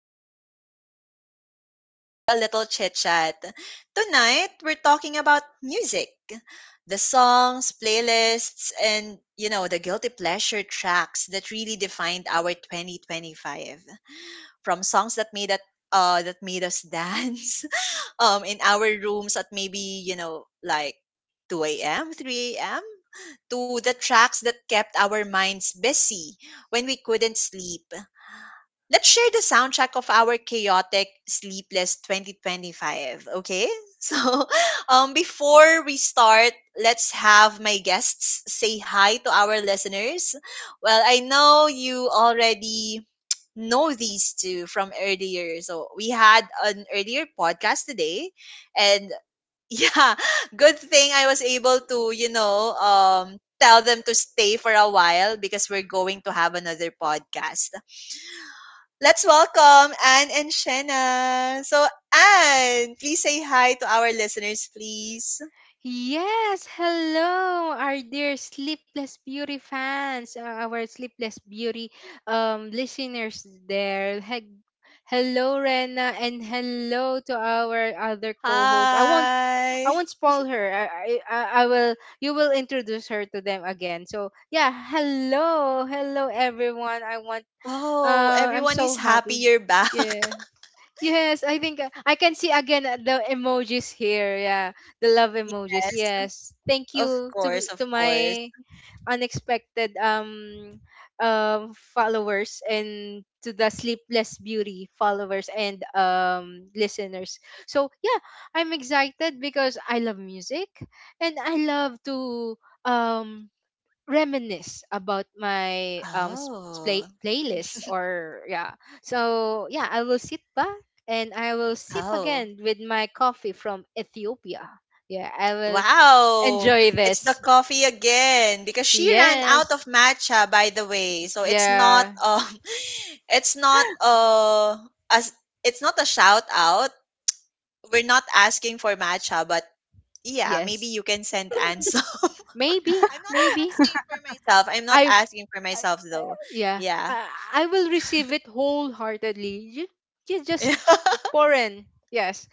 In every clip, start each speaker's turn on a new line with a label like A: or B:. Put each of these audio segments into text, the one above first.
A: of the night unite for a little chit chat. Tonight, we're talking about music, the songs, playlists, and the guilty pleasure tracks that really defined our 2025. From songs that made us dance in our rooms at maybe, like, 2 a.m., 3 a.m., to the tracks that kept our minds busy when we couldn't sleep. Let's share the soundtrack of our chaotic, sleepless 2025, okay? So, before we start, let's have my guests say hi to our listeners. Well, I know you already know these two from earlier. So, we had an earlier podcast today, and yeah, good thing I was able to, tell them to stay for a while because we're going to have another podcast. Let's welcome Anne and Shanna. So, Anne, please say hi to our listeners, please.
B: Yes, hello, our dear Sleepless Beauty fans, our Sleepless Beauty listeners there. Hello, Rena, and hello to our other co-host. I
A: Hi.
B: won't spoil her. I will. You will introduce her to them again. So yeah, hello, everyone. I want.
A: Oh,
B: I'm
A: everyone
B: so
A: is happy
B: happy.
A: you're back.
B: Yeah. Yes, I think I can see again, the emojis here. Yeah, the love emojis.
A: Yes,
B: Yes, thank
A: of
B: you to
A: course, of
B: to
A: course.
B: my unexpected followers and to the Sleepless Beauty followers and listeners. So yeah, I'm excited because I love music and I love to um reminisce about my
A: Oh,
B: playlist, or yeah. So yeah, I will sit back and I will sip
A: oh.
B: again with my coffee from Ethiopia. Yeah, I will
A: Wow,
B: enjoy
A: it's the
B: this.
A: coffee again because she ran out
B: Yes,
A: of matcha, by the way. So it's not
B: yeah,
A: it's not as it's not a shout out. We're not asking for matcha, but yeah, maybe
B: yes,
A: you can send Ansel. I'm not
B: maybe.
A: asking for myself. I'm not
B: i,
A: asking for
B: I
A: myself,
B: uh,
A: though.
B: yeah
A: Yeah.
B: I, I will receive it wholeheartedly. You you just pour in. Yes,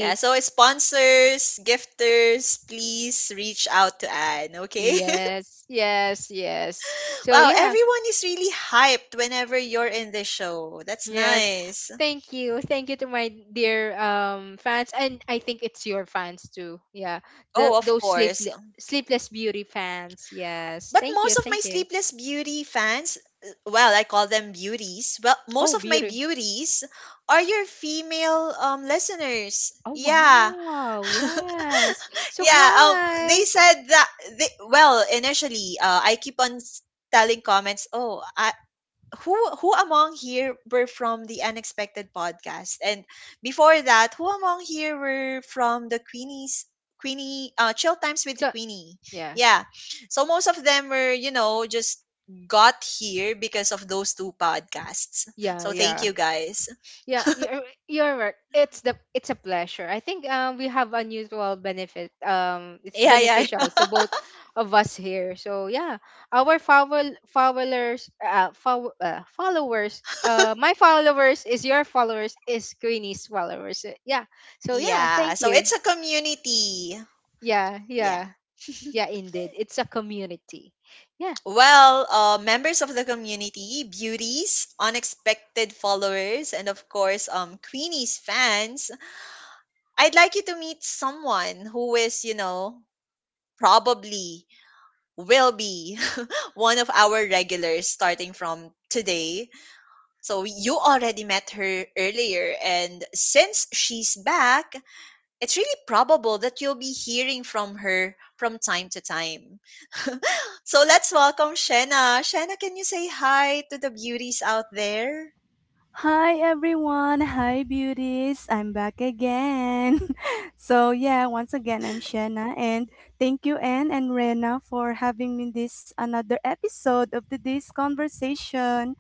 A: Yeah, so sponsors, gifters, please reach out to Anne, okay?
B: Yes, yes, yes, so
A: Wow,
B: yeah.
A: everyone is really hyped whenever you're in the show. That's
B: Yes.
A: nice.
B: Thank you. Thank you to my dear fans, and I think it's your fans too. Yeah. The
A: Oh, of
B: those sleep
A: course.
B: Sleepless Beauty fans. Yes.
A: But
B: Thank you.
A: most of
B: Thank
A: my
B: you.
A: Sleepless Beauty fans, well, I call them beauties. Well,
B: Oh,
A: most of my
B: beauty.
A: beauties are your female listeners.
B: Oh,
A: Yeah.
B: wow. Yes. So
A: Yeah,
B: hi.
A: they said that I keep on telling comments, "Oh, I who who among here were from the Unexpected podcast? And before that, who among here were from the Queenie's Queenie Chill Times with
B: So
A: Queenie?"
B: yeah.
A: Yeah. So most of them were, just got here because of those two podcasts.
B: Yeah,
A: So thank
B: yeah.
A: you, guys.
B: Yeah, you're right. It's a pleasure. I think we have unusual benefit. It's
A: Yeah, yeah.
B: beneficial to both of us here. So yeah, our followers, followers, my followers is your followers is Queenie's followers. Yeah. So yeah,
A: Yeah,
B: thank
A: so
B: you.
A: it's a community.
B: Yeah,
A: Yeah.
B: yeah, yeah. Indeed, it's a community. Yeah,
A: Well, members of the community, beauties, unexpected followers, and of course, Queenie's fans, I'd like you to meet someone who is, probably will be one of our regulars starting from today. So you already met her earlier, and since she's back, it's really probable that you'll be hearing from her from time to time. So let's welcome Shena. Shena, can you say hi to the beauties out there?
C: Hi everyone, hi beauties. I'm back again. so yeah, once again I'm Shanna, and thank you Anne and Rena for having me this another episode of the this conversation.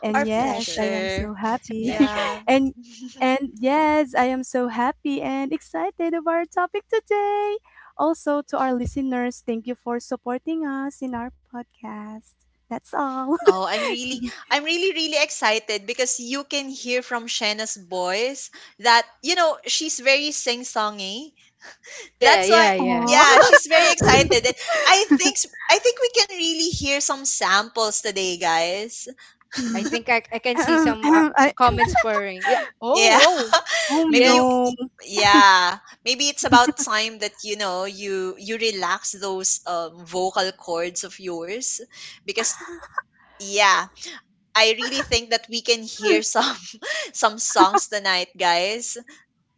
C: And
B: it's
A: Our
B: a
C: yes,
B: pleasure.
C: I am so
A: pleasure.
B: It's a
C: happy.
B: pleasure.
A: Yeah.
C: and and yes, I am so happy and excited of our topic today. Also to our listeners, thank you for supporting us in our podcast. That's all.
A: Oh, I'm really, really excited because you can hear from Shanna's voice that, she's very sing-songy.
B: Yeah,
A: That's why,
B: yeah, yeah.
A: yeah,
C: Oh.
A: she's very excited. And I think we can really hear some samples today, guys.
B: I think I can see some
C: I,
B: comments purring. Yeah.
A: Yeah.
B: Oh, oh.
C: Oh,
A: Maybe
B: Yes.
C: no.
A: yeah, maybe it's about time that, you know, you relax those vocal cords of yours because, yeah, I really think that we can hear some some songs tonight, guys.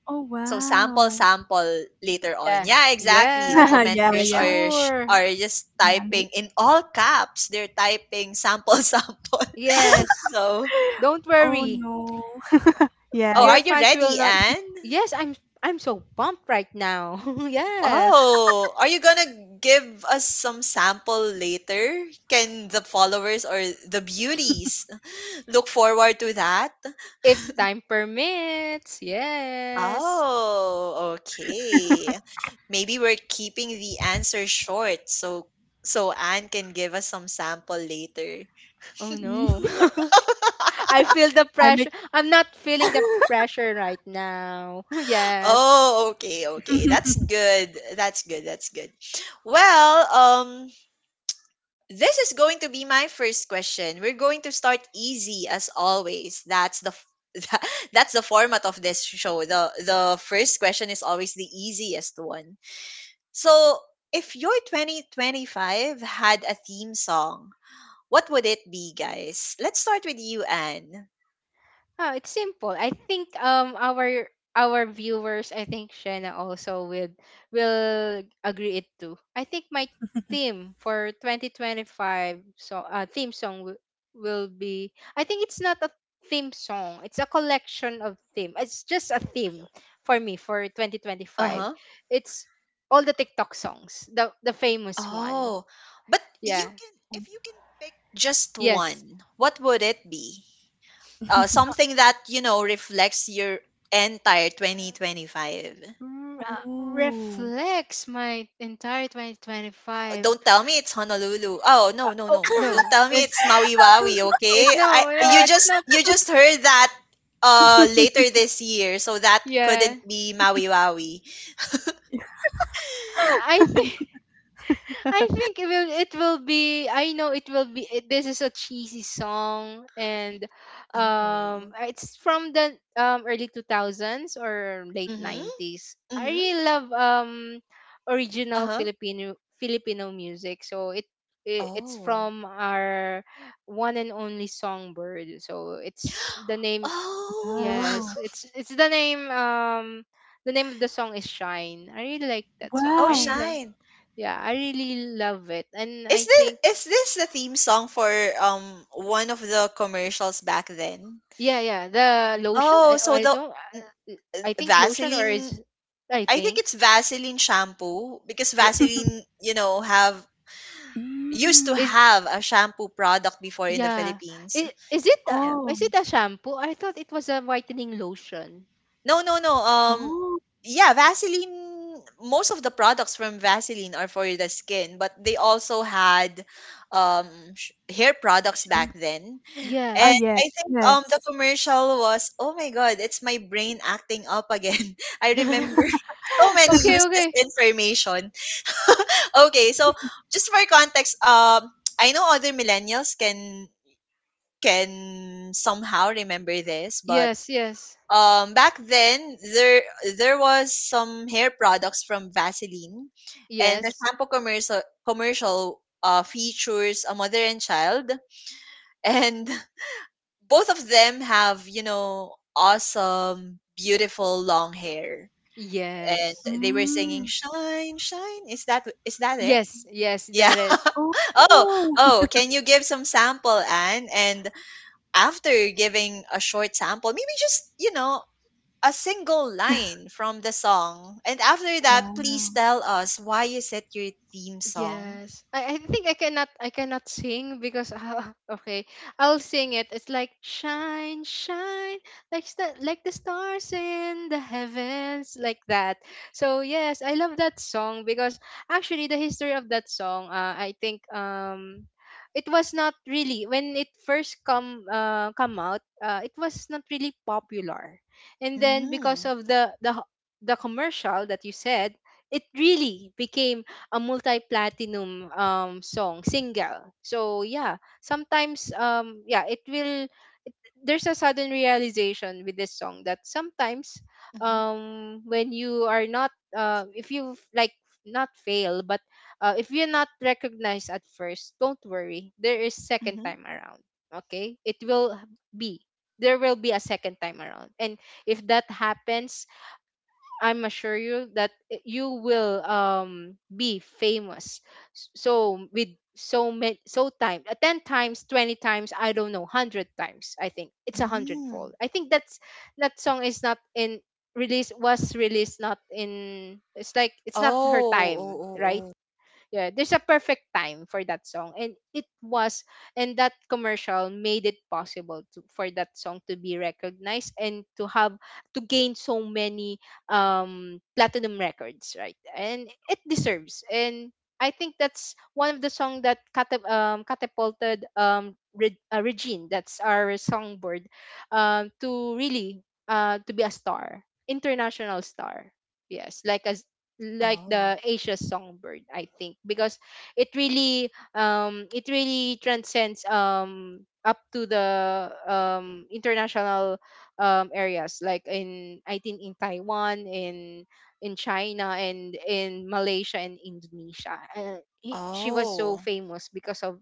C: Oh,
A: So sample,
C: wow.
A: sample later on.
B: Yeah.
A: Yeah, exactly. The
B: Yeah.
C: Yeah,
A: commenters
C: yeah.
A: are
B: Sure.
A: are just
C: Yeah,
A: typing
C: they
A: in all caps. They're typing sample, sample.
B: Yes.
A: So,
B: Don't
C: Oh,
B: worry.
C: no.
A: oh, are
B: Your
C: Yes.
A: you
B: fans will
A: ready,
B: not.
A: Anne?
B: Yes, I'm so pumped right now. yes.
A: Oh, are you gonna give us some sample later? Can the followers or the beauties look forward to that?
B: If time permits. Yes.
A: Oh, okay. Maybe we're keeping the answer short so Anne can give us some sample later.
B: Oh
C: Ee,
B: no. I feel the
C: I
B: pressure.
C: make
B: I'm not feeling the pressure right now. yes.
A: Oh, okay, okay. That's good. That's good. That's good. Well, um, this is going to be my first question. We're going to start easy as always. That's the format of this show. The first question is always the easiest one. So, if your 2025 had a theme song, what would it be, guys? Let's start with you, Anne.
B: Oh, it's simple. I think our viewers. I think Shena also will agree it too. I think my theme for 2025, theme song will be. I think it's not a theme song. It's a collection of theme. It's just a theme for me for
A: Uh
B: 2025.
A: huh.
B: It's all the TikTok songs, the famous one.
A: Oh, but you
B: Yeah.
A: can,
C: Oh.
A: if you can pick just
B: Yes.
A: one, what would it be? Something that, you know, reflects your entire 2025.
C: Oh.
B: Reflects my entire 2025.
A: Don't tell me it's Honolulu. Oh, no, no,
B: Oh
A: no. Don't
B: no,
A: tell me it's
B: it's,
A: Maui
B: eh,
A: Waui,
B: it's,
A: okay? I
B: no, no, it's not.
A: you just heard that later this year, so that
B: Yeah,
A: couldn't be Maui Waui.
B: I think. It will it will be. I know it will be. It — this is a cheesy song, and
A: Oh.
B: it's from the early 2000s or late
A: Mm-hmm.
B: 90s. I
A: Mm-hmm.
B: really love original
A: Uh-huh.
B: Filipino music. So it, it's
A: Oh.
B: from our one and only Songbird. So it's the name.
A: Oh.
B: Yes,
C: Wow.
B: it's the name, the name of the song is Shine. I really like that song.
A: Oh,
B: I
C: Wow.
B: really love.
A: Shine.
B: Yeah, I really love it. And
A: Is
B: I
A: this
B: think,
A: is this the theme song for one of the commercials back then?
B: yeah, yeah, the lotion.
A: Oh, so
B: I
A: the
B: don't.
A: n-
B: I I think lotion, or is,
A: Vaseline,
B: I
A: I think
B: think,
A: it's Vaseline shampoo because
B: yeah,
A: Vaseline, you know, have used to
C: Mm.
B: is,
A: have a shampoo product before in the
B: yeah.
A: Philippines. Yeah.
B: Is
C: Oh.
B: it a shampoo? I thought it was a whitening lotion.
A: No, no, no.
C: Oh.
A: Yeah, Vaseline. Most of the products from Vaseline are for the skin, but they also had um, hair products
C: Shun
A: back then.
C: ah,
B: Yeah.
A: And
C: yes,
A: I think um, the
C: yes.
A: commercial was, oh my god, it's my brain acting up again. I remember so many
B: okay,
A: useless
B: okay.
A: information. Okay, so just for context, I know other millennials can somehow remember this, but
B: Yes, yes.
A: um, back then there was some hair products from Vaseline, and the
B: Yes.
A: shampoo commercial features a mother and child, and both of them have, you know, awesome, beautiful long hair, and
B: Yes.
A: they were singing
C: Mm.
A: shine. Is that it?
B: Yes, yes,
A: Yeah.
B: that is.
A: Oh,
C: Oh.
A: oh, can you give some sample, Anne, and after giving a short sample, maybe just, you know, a single line from the song. And after that, please
C: Wow.
A: tell us why is it your theme song?
B: Yes. I think I cannot sing because, okay, I'll sing it. It's like shine, shine, like like the stars in the heavens, like that. So yes, I love that song because, actually, the history of that song, I think, it was not really — when it first come out, it was not really popular. And then, because
A: Mm.
B: of the commercial that you said, it really became a multi-platinum song single. So yeah, sometimes, yeah, it will. it, there's a sudden realization with this song that sometimes,
A: Mm-hmm.
B: when you are not, if you, like, not fail, but, if you're not recognized at first, don't worry, there is second
A: Mm-hmm.
B: time around. Okay, it will be — there will be a second time around, and if that happens, I'm assure you that, you will be famous. So with so many, so time, ten times, 20 times, I don't know, hundred times. I think it's a
A: Mm.
B: hundredfold. I think that song is not in release, was released, not in, it's like it's not her
A: Oh, oh,
B: time,
A: oh,
B: right?
A: oh.
B: Yeah, there's a perfect time for that song, and it was — and that commercial made it possible to — for that song to be recognized and to have — to gain so many platinum records, right? And it deserves, and I think that's one of the song that catapulted Regine, that's our Songbird, to really, to be a star, international star. Yes, like, as like
A: Oh.
B: the Asia Songbird, I think, because it really, it really transcends up to the international areas, like in, I think, in Taiwan, in China, and in Malaysia and Indonesia. She was so
A: Oh.
B: famous because of —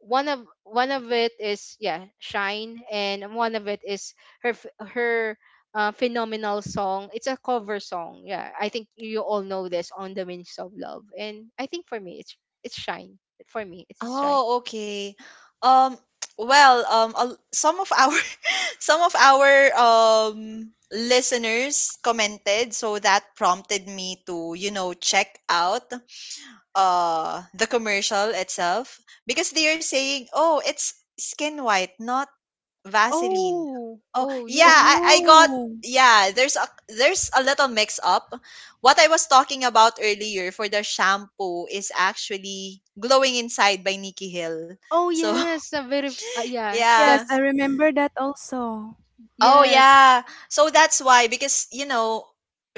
B: one of it is, yeah, Shine, and one of it is her, her, phenomenal song. It's a cover song. Yeah, I think you all know this, On the Wings of Love, and I think, for me, it's Shine. For me, it is Shine.
A: Oh, okay. Um, well, um, some of our some of our um, listeners commented, so that prompted me to, you know, check out uh, the commercial itself because they are saying, oh, it's Skin White, not Vaseline.
B: Oh,
A: Oh
B: oh
A: yeah,
B: yeah.
A: I got,
C: Oh.
A: yeah, there's a little mix up what I was talking about earlier for the shampoo is actually Glowing Inside by Nikki Hill.
B: Oh
A: So
B: yes, a very, yeah.
C: Oh,
A: yeah,
C: yes,
B: That's —
C: I remember that also.
A: oh
B: yes,
A: yeah, so that's why, because you know,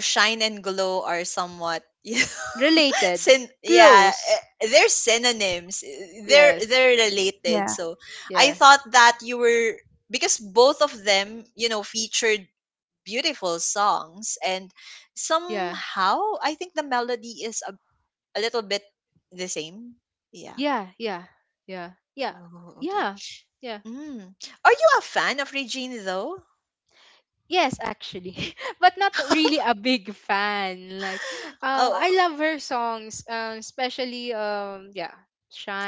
A: shine and glow are somewhat
B: related,
A: Syn- yeah,
B: close.
A: eh, they're synonyms. Eh,
B: Yes,
A: they're related.
C: Yeah.
A: So
B: yeah,
A: I thought that you were, because both of them, you know, featured beautiful songs, and
B: yeah,
A: somehow I think the melody is a little bit the same. Yeah.
B: yeah, yeah, yeah, yeah,
A: Oh, okay.
B: yeah, yeah.
A: Mm. Are you a fan of Regine, though?
B: Yes, actually, but not really a big fan. Like, I
A: Oh,
B: love her songs, especially, yeah,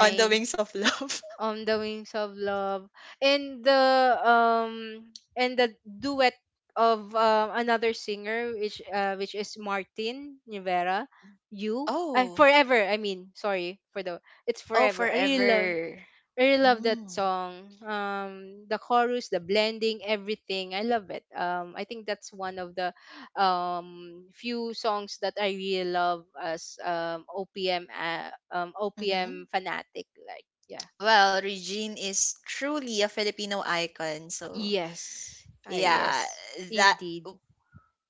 A: on the Wings of Love.
B: On the Wings of Love, and the um, and the duet of, another singer, which is Martin Rivera, You, I
A: Oh,
B: Forever. I mean, sorry for the, it's
A: oh,
B: Forever. I really love —
A: Forever.
B: I really love that
A: Mm.
B: song. The chorus, the blending, everything. I love it. I think that's one of the, few songs that I really love as, OPM,
A: Mm-hmm.
B: OPM fanatic. Like, yeah,
A: Well, Regine is truly a Filipino icon. So,
B: yes, ah
A: yeah,
B: yes,
A: that
B: indeed,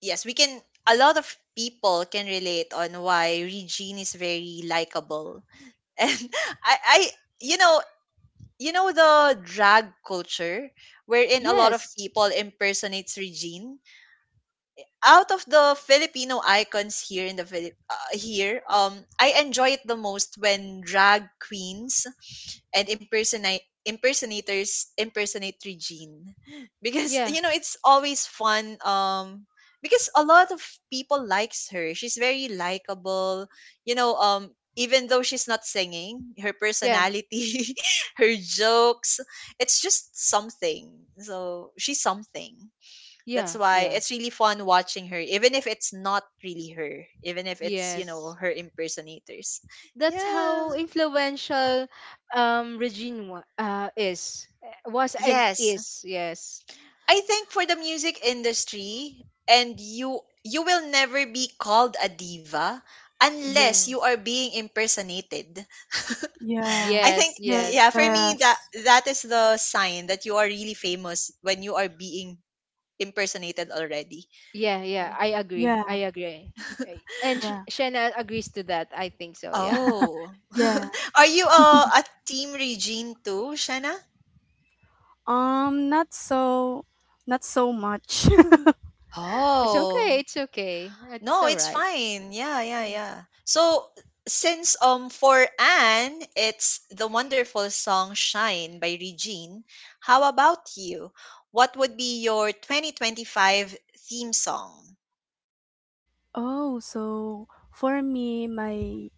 A: yes, we can a lot of people can relate on why Regine is very likable. And I you know, you know the drag culture wherein a lot of
B: yes,
A: people impersonates Regine. Out of the Filipino icons here in the Philip here, um, I enjoy it the most when drag queens and impersonate impersonators impersonate Regine because
B: yeah,
A: you know it's always fun, um, because a lot of people likes her, she's very likable, you know, um, even though she's not singing, her
B: yeah,
A: personality, her jokes, it's just something, so she's something. That's
B: yeah,
A: why
B: yeah,
A: it's really fun watching her even if it's not really her, even if it's, you know,
B: yes.
A: her impersonators.
B: That's
A: Yeah,
B: how influential, Regine is, was and
A: yes,
B: is. Yes,
A: I think for the music industry, and you will never be called a diva unless you
B: yes.
A: are being impersonated. I
C: Yes.
A: think
B: Yes,
A: yeah,
B: yes.
A: for me
C: Yes.
A: that that is the sign that you are really famous when you are being impersonated already.
B: Yeah, yeah.
A: Yeah.
B: I agree.
C: Yeah.
B: I agree. Right. And
C: Yeah.
B: Shanna agrees to that. I think so. Yeah.
A: Oh.
C: Yeah.
A: Are you a team Regine too, Shanna?
C: Um, not so, not so much.
B: It's okay.
A: Oh.
B: It's okay. It's
A: No,
B: all
A: it's
B: right.
A: fine. Yeah, yeah,
B: Yeah.
A: yeah. So since um, for Anne, it's the wonderful song Shine by Regine. How about you? What would be your 2025 theme song?
C: oh, so for me, my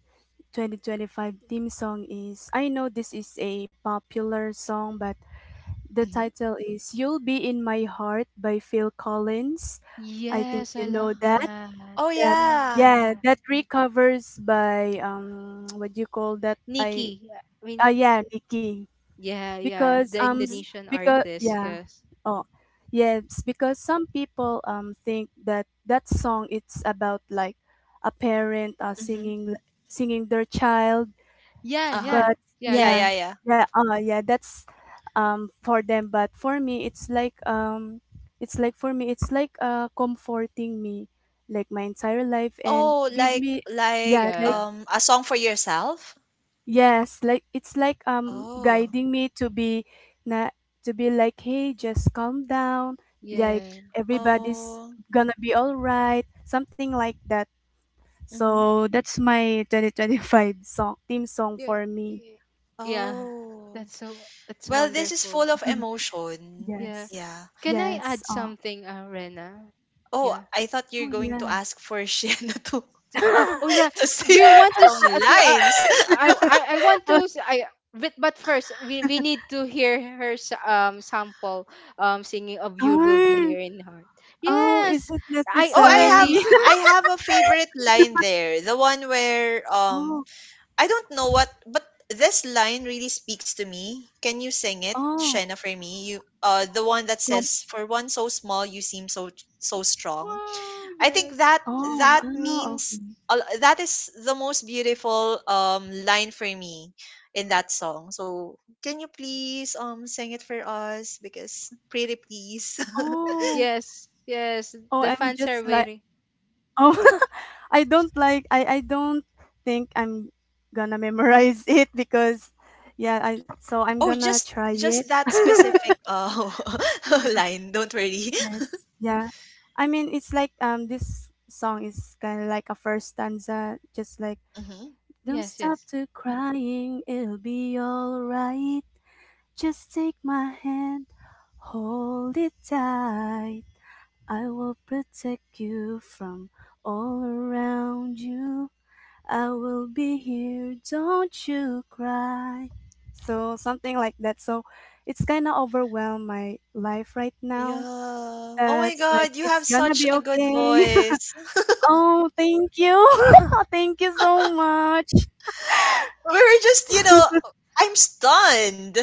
C: 2025 theme song, is I know this is a popular song, but the
A: Mm-hmm.
C: title is You'll Be in My Heart by Phil Collins. I think
B: Yes, I
C: you know
B: love
C: that.
B: that.
A: Oh
B: I
C: That
B: love
A: yeah.
C: yeah,
B: that.
C: that recovers by what do you call that? I
B: Nikki. Yeah, I
C: Ah,
B: mean,
C: yeah, Nikki.
B: yeah, yeah.
C: Because
B: The
C: um
A: Mm-hmm.
B: Indonesian
C: because
B: artist.
C: yeah.
B: Yes.
C: Oh, yes, because some people think that song, it's about like a parent
A: Mm-hmm.
C: singing singing their child,
B: Yeah,
A: Uh-huh.
B: yeah.
C: but
B: Yeah,
A: Yeah,
B: yeah.
A: yeah,
C: yeah,
A: yeah.
C: yeah, yeah, that's for them. But for me, it's like for me, it's like comforting me, like my entire life, and
A: Oh,
C: give
A: like
C: me yeah,
A: like
C: like,
B: Yeah.
A: um, a song for yourself?
C: yes, like it's like
A: Oh.
C: guiding me to be na to be like, hey, just calm down, like
B: Yeah.
C: everybody's
A: Oh.
C: gonna be all right, something like that.
A: Mm-hmm.
C: So that's my 2025 song, theme song
B: Yeah.
C: for me.
B: y- Yeah.
A: Oh.
B: That's
A: Well, this is
B: wonderful.
A: full of emotion.
B: Yeah.
C: Yes.
A: Yeah.
B: Can I
C: Yes.
B: add
C: Oh,
B: something, Rena?
A: Oh,
B: Yeah.
A: I thought you're
C: oh
A: going to
C: yeah.
A: ask for Shiana to,
B: To, oh, oh yeah.
A: to
B: Do
A: sing
B: you want to,
A: some
B: to,
A: lines.
B: I want to, I, but first, we need to hear her, sample, singing of You Will Be
C: Oh,
B: Here in Heart.
C: oh, is
B: Yes.
C: it
B: I
A: Oh,
B: already,
C: necessary?
A: I have a favorite line there. The one where um,
C: Oh,
A: I don't know what, but this line really speaks to me. Can you sing it,
C: oh,
A: Shena, for me? You uh, the one that
C: com-
A: says, "For one so small you seem so so strong."
B: wow,
A: I think
B: yes.
A: that
C: oh,
A: that
C: oh, oh,
A: means that is the most beautiful um, line for me in that song. So can you please um, sing it for us because pretty please.
C: oh,
B: Yes. Yes.
C: oh,
B: The
C: I'm
B: fans are
C: just like,
B: waiting.
C: oh, I don't like, I don't think I'm gonna memorize it because yeah, I'm
A: Oh,
C: gonna try
A: just
C: it.
A: that specific uh, line. Don't worry.
C: Yes, yeah. I mean, it's like this song is kind of like a first stanza just like,
A: Hmm.
C: don't
B: Yes,
C: stop
B: yes.
C: to crying, it'll be all right. Just take my hand, hold it tight. I will protect you from all around you. I will be here, don't you cry. So something like that. So it's kind of overwhelmed my life right
A: Yeah.
C: now.
A: Oh my
C: That's like,
A: God, you
C: it's
A: have
C: gonna
A: such
C: be
A: a good
C: okay.
A: voice.
C: Oh, thank you, thank you so much.
A: We were just, you know, I'm stunned.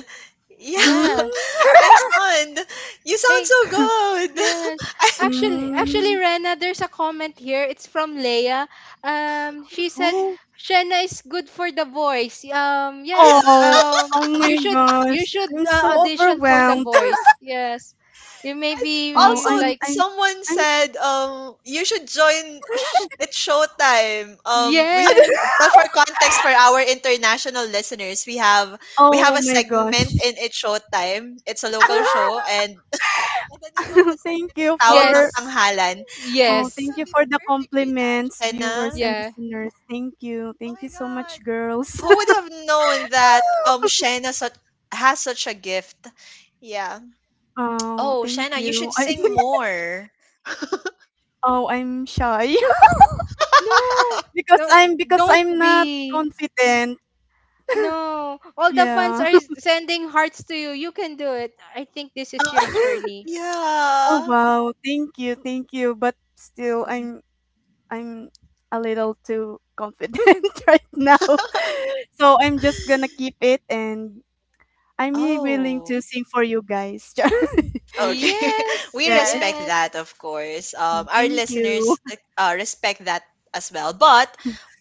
A: Yeah,
C: Mm.
B: Yeah.
A: I'm stunned. You sound
B: Hey,
A: so good.
B: yes. Actually,
C: Mm.
B: Rena, there's a comment here. It's from Leia. She said,
C: Oh,
B: "Shenna is good for the voice."
A: I,
B: Yeah.
C: oh, oh
B: You
C: my
B: should
C: gosh!
B: you should
C: I'm
B: uh,
C: so
B: audition for the
C: overwhelmed.
B: voice. Yes. You may
A: Also,
C: Oh,
B: be
C: I'm,
B: like,
C: I'm,
A: someone
C: I'm. s-
A: said, you should join It's Showtime. We,
B: yes,
A: well, for context for our international listeners, we
C: oh
A: have a
C: my gosh!
A: segment in It's Showtime. It's a local show, and, and the name of the
C: Thank
A: segment is
C: you
A: Tawag ng
C: for
B: yes,
A: Tanghalan. I
C: Oh,
A: think you
B: yes,
C: thank
A: will
C: you
A: be
C: for the
A: perfect for that,
C: compliments,
A: Shena.
C: viewers and
B: yeah.
C: listeners. Thank you.
A: Oh
C: Thank
A: my
C: you so
A: God,
C: much, girls.
A: who would have known that um, Shena such, has such a gift? Yeah.
C: Oh,
A: Oh,
C: thank
A: Shena, you should
C: you.
A: sing more.
C: Oh, I'm shy,
B: No,
C: because
B: no,
C: I'm because
B: don't
C: I'm not
B: be.
C: confident.
B: No, all the fans
C: Yeah.
B: are, sending hearts to you. You can do it. I think this is your journey.
C: Oh
A: Yeah.
C: wow. Thank you. Thank you. But still I'm a little too confident right now. So I'm just going to keep it, and I'm really willing
A: Oh,
C: to sing for you guys.
A: okay.
B: Yes,
A: We
C: Yes.
A: respect
B: yes,
A: that, of course. Our
C: Thank you.
A: listeners respect that as well. But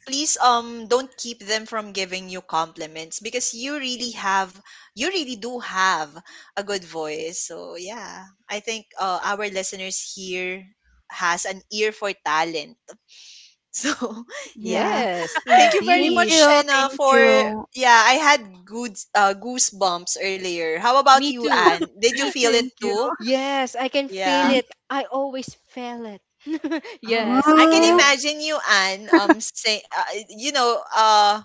A: please don't keep them from giving you compliments because you really do have a good voice. So yeah, I think our listeners here has an ear for talent. So, yeah.
C: Yeah.
B: yes,
A: Thank you very
C: Thank
B: indeed.
A: much,
C: you,
A: Shena,
C: thank
A: for
C: you,
A: yeah, I had good goosebumps earlier. How about
B: Me
A: you,
B: too.
A: Anne? Did you
B: Me
A: feel it
B: too.
C: thank you.
A: too?
B: Yes, I can feel
C: Mm.
A: Yeah.
B: it. I always feel it.
A: Oh,
B: yes,
A: I can
C: Oh,
B: yeah.
A: imagine you, Anne,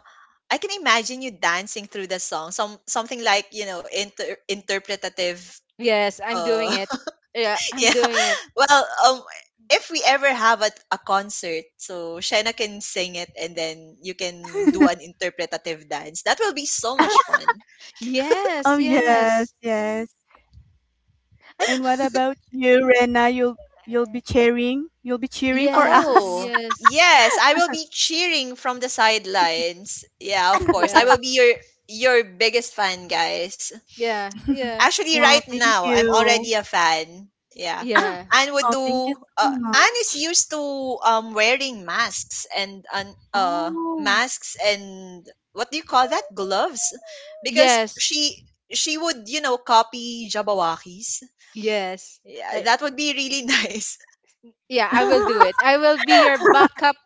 A: I can imagine you dancing through the song. Some something like, you know, inter- interpretative
B: Yes, I'm
A: uh
B: doing it. Yeah, I'm
A: Yeah.
B: doing it.
A: Well, um, if we ever have a concert, so Shena can sing it and then you can do an interpretative dance. That will be so much fun.
C: oh
B: Yes,
C: yes,
B: yes.
C: yes.
B: And
C: And what about you, Rena? You'll be cheering. You'll be cheering for
B: yes,
C: us.
A: Oh,
B: yes.
A: yes, I will be cheering from the sidelines. Yeah, of course. I
B: Yeah.
A: will be your biggest fan, guys.
B: Yeah, yeah.
A: Actually, right
C: Oh, thank
A: now, I'm
C: you.
A: already a fan. Yeah.
C: Ah,
B: Yeah.
A: Anne would
C: oh, thank you
A: do.
C: so
A: Anne is used
C: much.
A: to wearing masks and
C: Oh,
A: masks and what do you call that? Gloves, because
B: Yes.
A: she would you know copy Jabawaki's.
B: Yes.
A: Yeah,
B: I,
A: that would be really nice.
B: yeah, I will do it. I will be your backup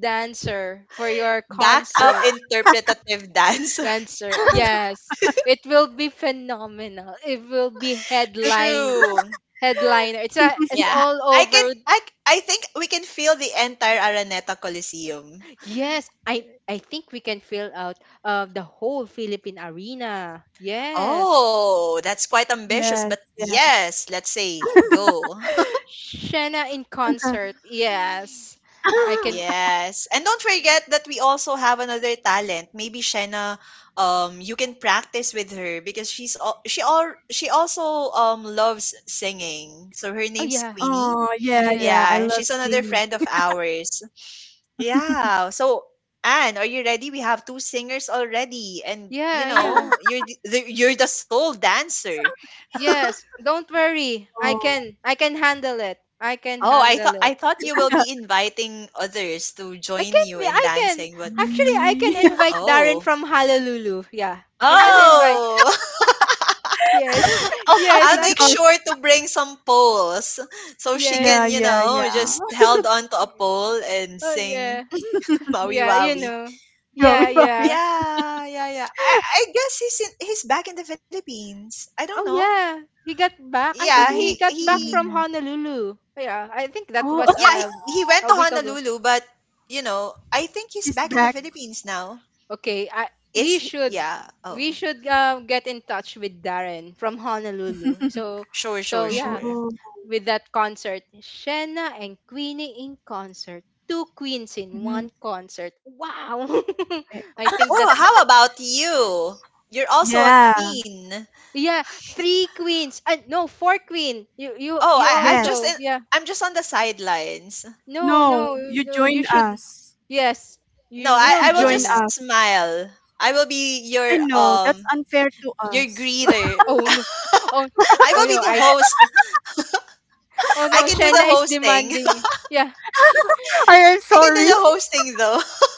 B: dancer for your
A: Back up
B: concert.
A: interpretative dancer.
B: Answer. Yes. It will be phenomenal. It will be
C: that's
A: True.
B: headliner. It's
A: Yeah.
B: all
A: I can
B: over.
A: I I think we can feel the entire Araneta Coliseum.
B: Yes, I think we can fill out, the whole Philippine Arena. Yes.
A: Oh, that's quite ambitious,
C: yes,
A: but
C: yes.
A: yes, let's say go.
B: Shena in concert. Yes. I can.
A: Yes. And don't forget that we also have another talent. Maybe Shenna, you can practice with her because she's all she also loves singing. So her
B: Oh
A: name's
B: yeah.
A: Queenie.
C: Oh, yeah, yeah. I
B: Yes.
A: Yeah,
C: love
A: she's another
C: singing.
A: friend of ours. Yeah. So Anne, are you ready? We have two singers already, and you
B: Yeah, yeah.
A: know, you're you're the soul dancer.
B: Yes. Don't worry.
C: Oh,
B: I can handle it. I can
A: Oh,
B: handle
A: I
B: it.
A: thought you will be inviting others to join you in
B: I can.
A: dancing, but
B: Actually, I
C: me.
B: can invite Darren
A: oh.
B: from Honolulu. Yeah. I can invite.
A: Oh.
B: Yes.
C: Oh
B: Yes,
C: my
A: I'll
B: I
A: make
B: can.
C: gosh.
A: sure to bring some poles so she
B: Yes.
C: Yeah,
A: can, you
C: yeah,
A: know, just
C: yeah.
A: held on to a pole and
B: Oh yeah.
A: sing Maui
B: Yeah, you
A: Wawi.
B: know. Yeah,
C: Bobby, Bobby.
B: yeah.
A: Yeah, yeah, yeah. I guess he's back in the Philippines. I don't
B: Oh
A: know.
B: yeah. He got back. I
C: Oh
A: Yeah,
B: thought
A: he
C: yeah,
B: he got back
C: yeah,
A: he
B: from
C: yeah.
B: Honolulu. Yeah, I think that
C: Oh,
B: was
A: yeah, he went
B: a
A: to
B: week ago.
A: Honolulu, but you know, I think he's
C: he's
A: back in the
C: back.
A: Philippines now.
B: Okay, I
A: Is
B: we
A: he?
B: should
A: Yeah.
B: we
A: Oh,
B: should, get in touch with Darren from Honolulu.
A: sure, sure,
B: So, yeah,
A: sure.
C: Oh.
B: with that concert. Shenna and Queenie in concert. Two queens in
C: Mhm.
B: one concert. Wow. I think
A: Oh,
B: that's,
A: how about you? You're also a
C: Yeah.
A: queen.
B: yeah, three queens. No, four queen.
A: Oh,
B: You
A: I'm just
B: also.
A: in,
C: Yes.
B: Yeah.
A: I'm just on the sidelines.
B: No,
C: No,
B: no,
C: you
B: no, you
C: join
B: should —
C: us.
B: yes,
A: No,
B: you
C: You
B: will
A: I
C: should
A: will
B: join
C: join
B: us.
A: just
C: us.
A: smile. I will be
C: I know that's unfair to
A: your
C: us.
A: greeter.
B: Oh no. Oh,
A: I
B: oh
A: will be
B: no,
A: the
B: I —
A: host.
B: oh
A: I
B: no,
A: can do the
B: Shenna is
A: hosting.
B: demanding. Yeah.
C: I am
A: I can do
C: sorry.
A: the hosting though.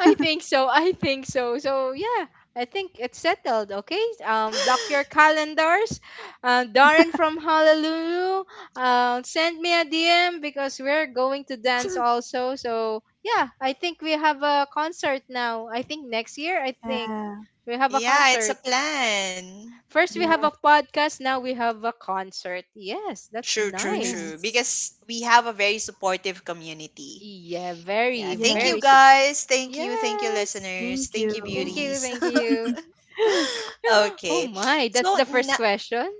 B: I think so. I think so. So yeah, I think it's settled. Okay. Block your calendars. Darren from Honolulu, send me a DM because we're going to dance also. So yeah, I think we have a concert now. I think next year. I think
C: Yeah.
B: we have a
A: Yeah, it's a
B: concert.
A: plan.
B: First we have
C: Yeah.
B: a podcast. Now we have a concert. Yes, that's
A: True, true, true.
B: nice.
C: Yes.
A: Because we have a very supportive community.
B: Yeah,
A: Yeah,
B: very,
A: thank you
B: very
C: Yes.
B: super.
A: guys. Thank you. Thank you,
B: Yes.
A: listeners.
C: Thank
A: Thank you,
B: Thank
C: you.
B: you.
A: beauties.
B: Thank you. Oh
A: Okay.
B: my, that's
A: So,
B: the
A: na-
B: first question?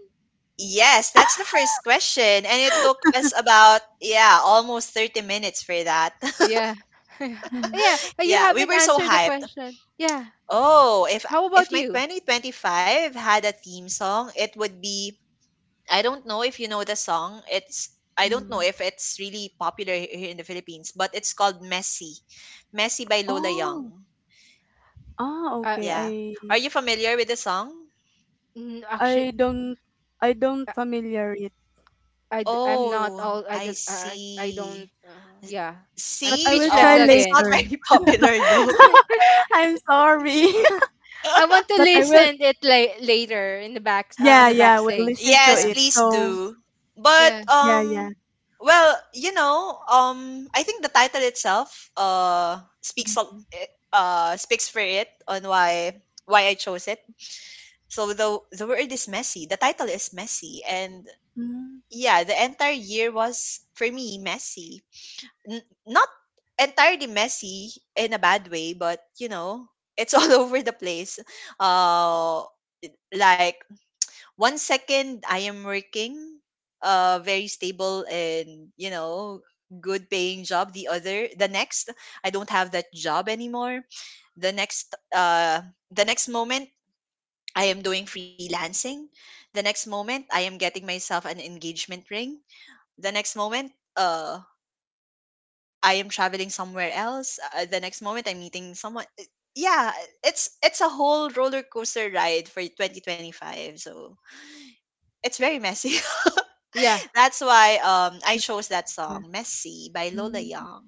A: yes, that's the first question. And it took us about, yeah, almost 30 minutes for that.
B: Yeah.
C: Mhm.
B: Yeah, you
A: Yeah, we
B: haven't
A: were so
B: answered the
A: hyped.
B: question. Yeah.
A: Oh,
B: How
A: if
B: about
A: my
B: you?
A: 2025 had a theme song, it would be I don't know if you know the song. It's I don't know
C: Mhm.
A: if it's really popular here in the Philippines, but it's called Messy. Messy by Lola
C: Oh.
A: Young.
C: Ah,
B: Uh,
C: okay.
A: Yeah. Are you familiar with the song?
B: actually,
C: I don't I don't
B: I,
C: familiar it,
B: I'm not
A: Oh,
B: all,
A: I
B: I don't,
A: see.
B: yeah. I'm
C: but I
A: See,
C: will
B: speechless
C: try
A: it's
B: again.
A: not
C: later.
A: very popular though.
C: I'm sorry.
B: I want to
C: but I will
B: listen it later
C: Yeah,
B: on the
C: yeah, we
B: backstage.
C: listen to
A: Yes,
B: Yeah.
C: it.
A: please
C: So,
A: do. But
B: Yeah.
C: yeah, yeah.
A: well, you know, I think the title itself
C: Mhm.
A: speaks for it on why I chose it. So the word is messy. The title is messy and
C: Mm.
A: yeah, the entire year was for me messy not entirely messy in a bad way, but you know, it's all over the place. Uh, like one second I am working, a very stable and you know, good paying job. The next, I don't have that job anymore. The next, uh, the next moment. I am doing freelancing. The next moment, I am getting myself an engagement ring. The next moment, uh, I am traveling somewhere else. The next moment, I'm meeting someone. Yeah, it's a whole roller coaster ride for 2025. So it's very messy.
B: Yeah.
A: That's why I chose that
C: Yeah.
A: song "Messy" by Lola
C: Mm.
A: Young.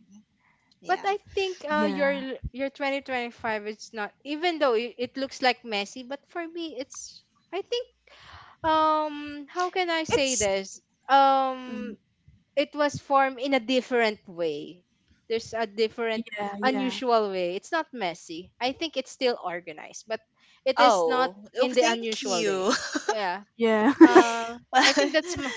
B: But
A: Yeah,
B: I think
C: Yeah.
B: your 2025 is not, even though it looks like messy, but for me it's, I think, how can I say
A: it's
B: this,
C: Mm.
B: um it was formed in a different way. There's a different
C: Yeah, yeah.
B: unusual way. It's not messy. I think it's still organized, but it is not
A: oh oh
B: in the
A: thank
B: unusual
A: you.
B: day. Yeah.
C: Yeah.
B: uh I
A: oh
B: think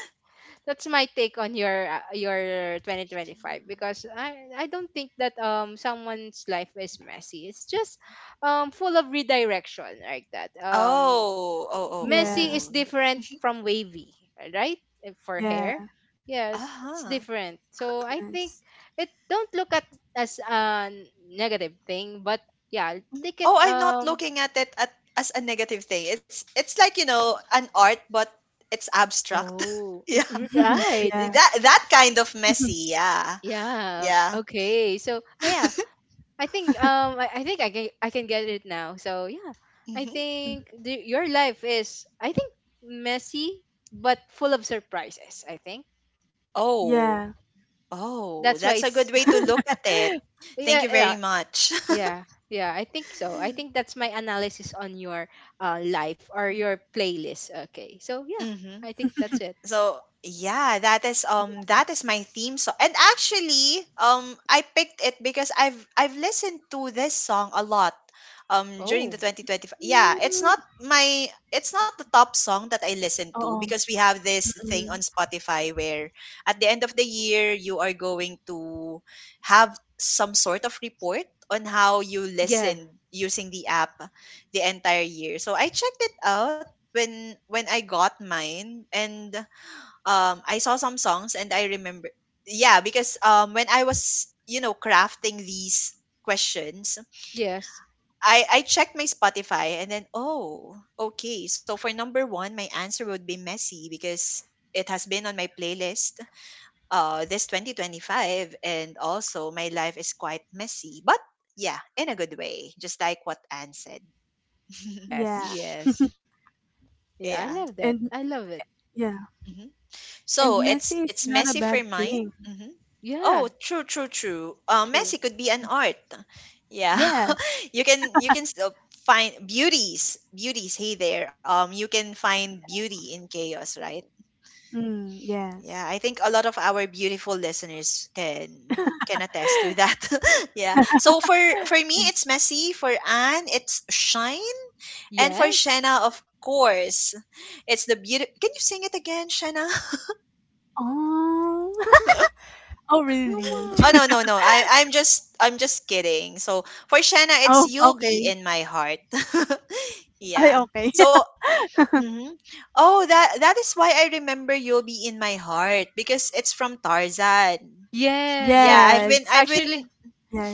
B: that's my take on your 2025 because I don't think that someone's life is messy. It's just full of redirection like that.
A: oh oh
C: Yeah.
B: Messy is
A: oh.
B: different from wavy, right? And for hair,
C: Yeah.
A: Uh
B: yes, it's
A: huh.
B: different. So I think,
C: Yes.
B: it don't look at as a negative thing, but yeah, take it.
A: Oh, I'm not looking at it at, as a negative thing. It's like you know an art, but it's abstract.
B: Oh,
A: Yeah,
B: right.
C: Yeah.
A: that that kind of messy. Yeah,
B: Yeah.
A: yeah.
B: Okay. So yeah, I think I think I can get it now. So yeah, I
A: Hmm.
B: think your life is, I think, messy but full of surprises. I think
C: Yeah.
A: Oh, oh,
B: that's why
A: that's a good
B: it's,
A: way to look at it. Thank
B: yeah,
A: you
B: yeah.
A: very much.
B: Yeah, yeah, I think so. I think that's my analysis on your life or your playlist. Okay. So yeah,
A: Hmm.
B: I think that's it.
A: So yeah, that is my theme song. And actually, I picked it because I've listened to this song a lot during the
B: Oh.
A: 2025. Yeah,
C: Mm.
A: it's not the top song that I listen to
C: Oh.
A: because we have this thing on
C: Mm.
A: Spotify where at the end of the year you are going to have some sort of report on how you
B: Yeah.
A: listen using the app the entire year. So I checked it out when I got mine and I saw some songs and I remember yeah because when I was you know crafting these questions
B: Yes.
A: I checked my Spotify and then oh okay so for number 1 my answer would be messy because it has been on my playlist this 2025 and also my life is quite messy but yeah in a good way just like what Anne said.
B: Yes,
C: Yeah.
B: yes. Yeah, I
A: Yeah.
B: love
C: And
B: that. I love it.
C: yeah.
A: Mm-hmm.
C: And
A: So
C: messy is
A: it's
C: not a
A: messy for
C: bad
A: mine.
C: thing.
A: Hmm. Oh,
B: Yeah,
A: true, true, true.
B: true.
A: Messy could be an art. Yeah,
C: Yes.
A: you can still find beauties, beauties. Hey there. You can find beauty in chaos, right?
C: Mm,
A: Yeah,
C: yes.
A: I think a lot of our beautiful listeners can attest to that. Yeah. So for me,
C: And,
A: it's messy. For Anne, it's shine, and for
B: Yes.
A: Shanna, of course, it's the beauty. Can you sing it again, Shanna?
C: oh. Oh,
B: Come
C: really?
B: on.
A: Oh no no no. I'm just kidding. So for Shanna, it's
C: Oh,
A: you'll be
C: okay.
A: in my heart.
C: Oh,
A: Yeah.
C: okay.
A: So mhm. Oh that that is why I remember you'll be in my heart because it's from Tarzan.
B: Yes,
A: Yeah,
B: yes. Actually,
C: Yes.
A: I've been
B: actually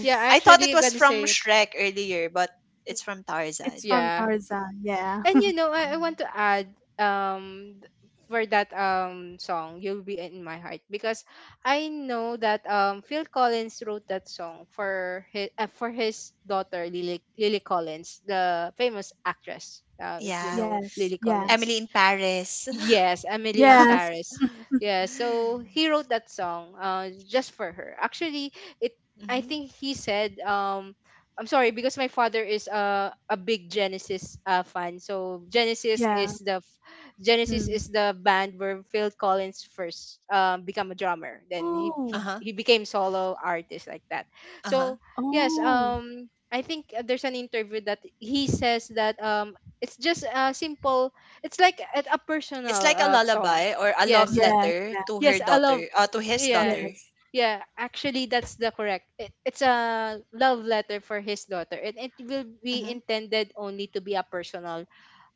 B: yeah,
A: I thought
B: actually
A: it
B: I'm
A: was
B: gonna
A: from
B: say it.
A: Shrek earlier, but it's from
C: It's
A: Tarzan.
C: from
B: Yeah.
C: Tarzan. Yeah.
B: And you know, I want
A: Mhm.
B: to add for that song, You'll Be in My Heart, because I know that Phil Collins wrote that song for his daughter, Lily Collins, the famous actress. If you
A: Yeah.
B: know
C: Yes.
B: Lily
C: Yeah.
B: Collins.
A: Emily in Paris.
B: Yes, Emily in
C: Yes.
B: Paris. Yeah, so he wrote that song just for her. Actually, it, I
A: Hmm.
B: think he said, I'm sorry, because my father is a big Genesis fan. So Genesis
C: Yeah.
B: is the
C: Mm.
B: band where Phil Collins first become a drummer. Then he
C: Oh.
B: he
A: Uh-huh.
B: he became solo artist like that.
A: Uh-huh.
B: So yes,
C: Oh.
B: I think there's an interview that he says that it's just a simple, it's like a
A: It's
B: personal
A: like a
B: song.
A: lullaby or a
B: Yes.
A: love
C: Yeah.
A: letter
C: Yeah.
A: to her
B: Yes, I love,
A: daughter, to his
B: yeah.
A: daughter.
C: Yes.
B: Yeah, actually that's the correct. It's a love letter for his daughter, and it will be
A: Mm-hmm.
B: intended only to be a personal